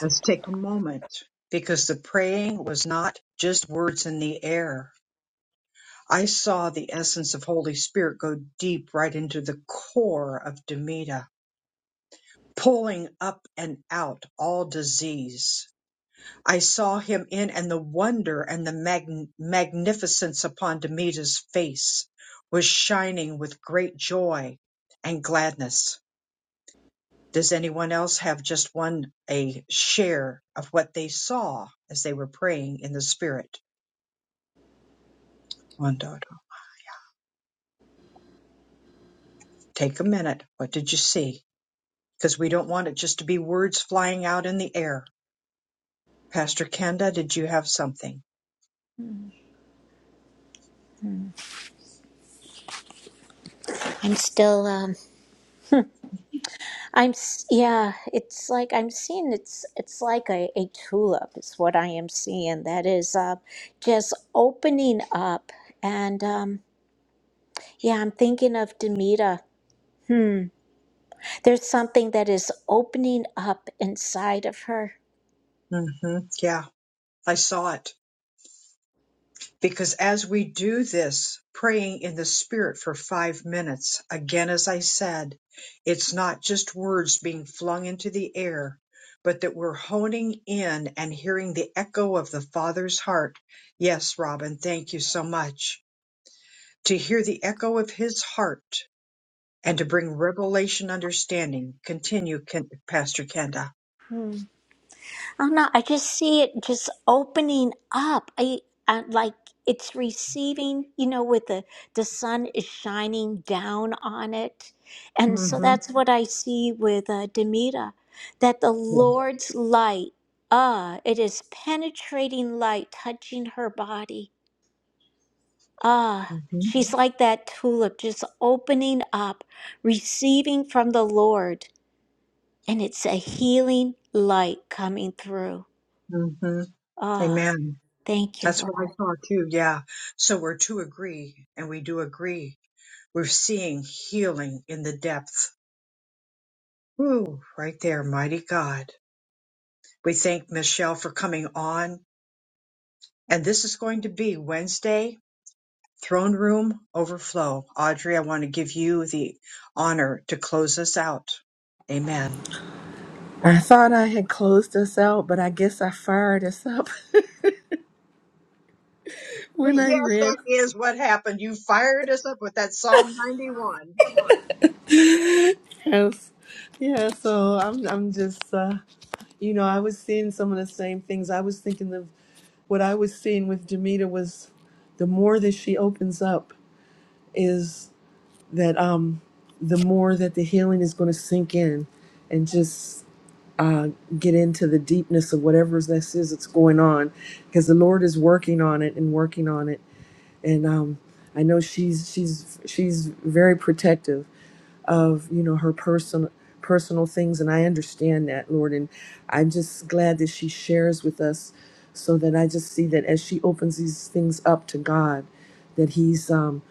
[SPEAKER 2] Let's take a moment because the praying was not just words in the air. I saw the essence of Holy Spirit go deep right into the core of Demita, pulling up and out all disease. I saw him in and the wonder and the mag- magnificence upon Demita's face was shining with great joy and gladness. Does anyone else have just one, a share of what they saw as they were praying in the spirit? Wandada. Take a minute. What did you see? Because we don't want it just to be words flying out in the air. Pastor Kenda, did you have something?
[SPEAKER 4] mm. I'm still, um, I'm, s- yeah, it's like I'm seeing it's, it's like a, a tulip is what I am seeing. That is, uh, just opening up. And, um, yeah, I'm thinking of Demita. There's something that is opening up inside of her.
[SPEAKER 2] mm hmm Yeah, I saw it. Because as we do this, praying in the Spirit for five minutes, again, as I said, it's not just words being flung into the air, but that we're honing in and hearing the echo of the Father's heart. Yes, Robin, thank you so much. To hear the echo of his heart and to bring revelation understanding. Continue, Ken- Pastor Kenda.
[SPEAKER 4] I don't know. I just see it just opening up. I, I like it's receiving. You know, with the the sun is shining down on it, and so
[SPEAKER 2] hmm
[SPEAKER 4] that's what I see with uh, Demita, that the Lord's light. Ah, it is penetrating light touching her body. Ah,
[SPEAKER 2] hmm
[SPEAKER 4] she's like that tulip, just opening up, receiving from the Lord and it's a healing light coming through.
[SPEAKER 2] hmm
[SPEAKER 4] Oh,
[SPEAKER 2] Amen.
[SPEAKER 4] thank you,
[SPEAKER 2] That's
[SPEAKER 4] Lord.
[SPEAKER 2] what I saw too. Yeah. So we're to agree, and we do agree. We're seeing healing in the depth. Woo, right there, mighty God. We thank Michelle for coming on. And this is going to be Wednesday, Throne Room Overflow. Audrey, I want to give you the honor to close us out. Amen.
[SPEAKER 1] I had closed us out, but I guess I fired us up
[SPEAKER 2] Yes,
[SPEAKER 1] when I read
[SPEAKER 2] that is what happened. You fired us up with that Psalm 91.
[SPEAKER 1] house. Yeah, so I'm I'm just uh, You know, I was seeing some of the same things. I was thinking of what I was seeing with Demita was the more that she opens up is that um the more that the healing is going to sink in and just uh, get into the deepness of whatever this is that's going on because the Lord is working on it and working on it and um I know she's she's she's very protective of you know her personal personal things and i understand that lord and i'm just glad that she shares with us so that i just see that as she opens these things up to god that he's um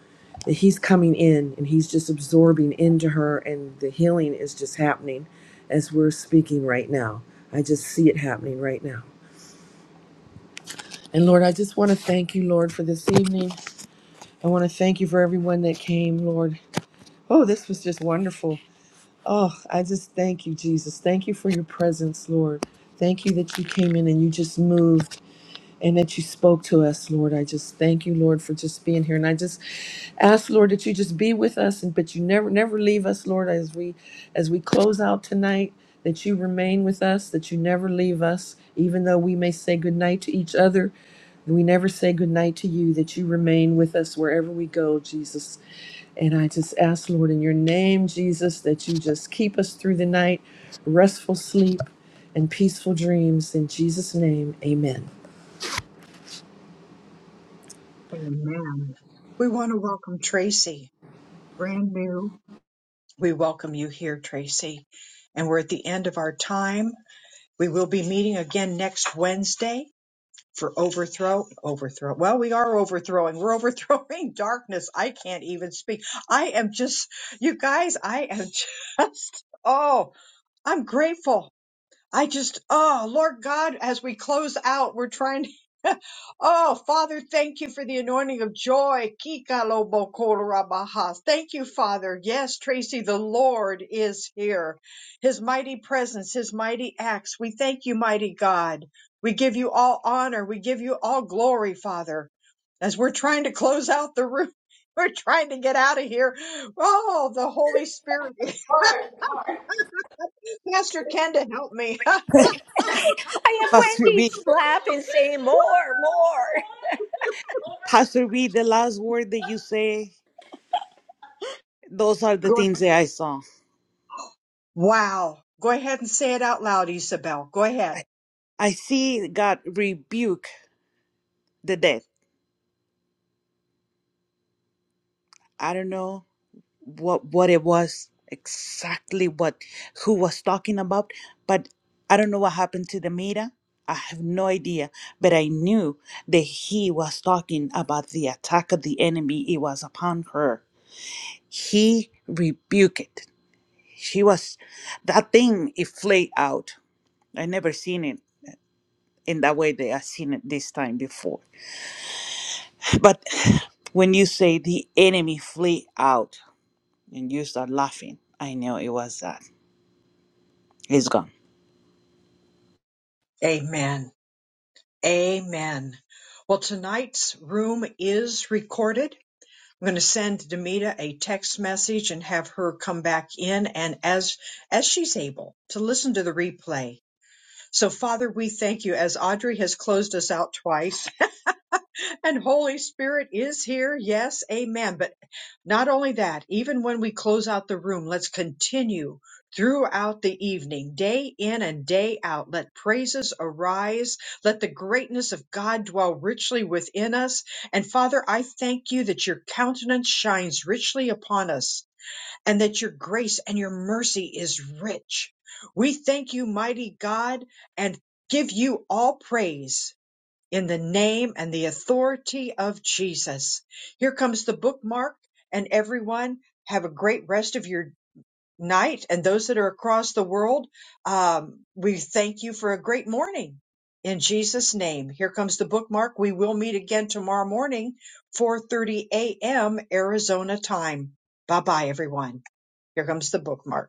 [SPEAKER 1] that he's coming in and he's just absorbing into her and the healing is just happening as we're speaking right now i just see it happening right now and lord i just want to thank you lord for this evening i want to thank you for everyone that came lord oh this was just wonderful Oh, I just thank you, Jesus. Thank you for your presence, Lord. Thank you that you came in and you just moved and that you spoke to us, Lord. I just thank you, Lord, for just being here. And I just ask, Lord, that you just be with us and but you never never leave us, Lord, as we as we close out tonight, that you remain with us, that you never leave us, even though we may say goodnight to each other. We never say goodnight to you, that you remain with us wherever we go, Jesus. And I just ask, Lord, in your name, Jesus, that you just keep us through the night, restful sleep, and peaceful dreams. In Jesus' name, amen.
[SPEAKER 2] Amen. We want to welcome Tracy, brand new. We welcome you here, Tracy. And we're at the end of our time. We will be meeting again next Wednesday for overthrow. Overthrow. Well, we are overthrowing. We're overthrowing darkness. I can't even speak. I am just, you guys, I am just, oh, I'm grateful. I just, oh, Lord God, as we close out, we're trying to. Oh, Father, thank you for the anointing of joy. Kikalobokorabahas. Thank you, Father. Yes, Tracy, the Lord is here. His mighty presence, his mighty acts. We thank you, mighty God. We give you all honor. We give you all glory, Father. As we're trying to close out the room, we're trying to get out of here. Oh, the Holy Spirit. Pastor Kenda, help me.
[SPEAKER 5] Pastor B, the last word that you say, those are the
[SPEAKER 2] Go-
[SPEAKER 5] things that I saw.
[SPEAKER 2] wow. Go ahead and say it out loud, Isabel. Go
[SPEAKER 5] I,
[SPEAKER 2] ahead.
[SPEAKER 5] I see God rebuke the dead. I don't know what what it was exactly what who was talking about, but I don't know what happened to the Mira. I have no idea, but I knew that he was talking about the attack of the enemy. It was upon her. He rebuked it. She was that thing. It flayed out. I never seen it in that way they have seen it this time before. But when you say the enemy flee out and you start laughing, I know it was that. It's gone.
[SPEAKER 2] Amen. Amen. Well, tonight's room is recorded. I'm going to send Demita a text message and have her come back in and as as she's able to listen to the replay. So Father, we thank you as Audrey has closed us out twice and Holy Spirit is here. Yes, amen. But not only that, even when we close out the room, let's continue throughout the evening, day in and day out. Let praises arise. Let the greatness of God dwell richly within us. And Father, I thank you that your countenance shines richly upon us and that your grace and your mercy is rich. We thank you, mighty God, and give you all praise in the name and the authority of Jesus. Here comes the bookmark, and everyone have a great rest of your night. And those that are across the world, um, we thank you for a great morning. In Jesus' name, here comes the bookmark. We will meet again tomorrow morning, 4:30 a.m. Arizona time. Bye bye, everyone. Here comes the bookmark.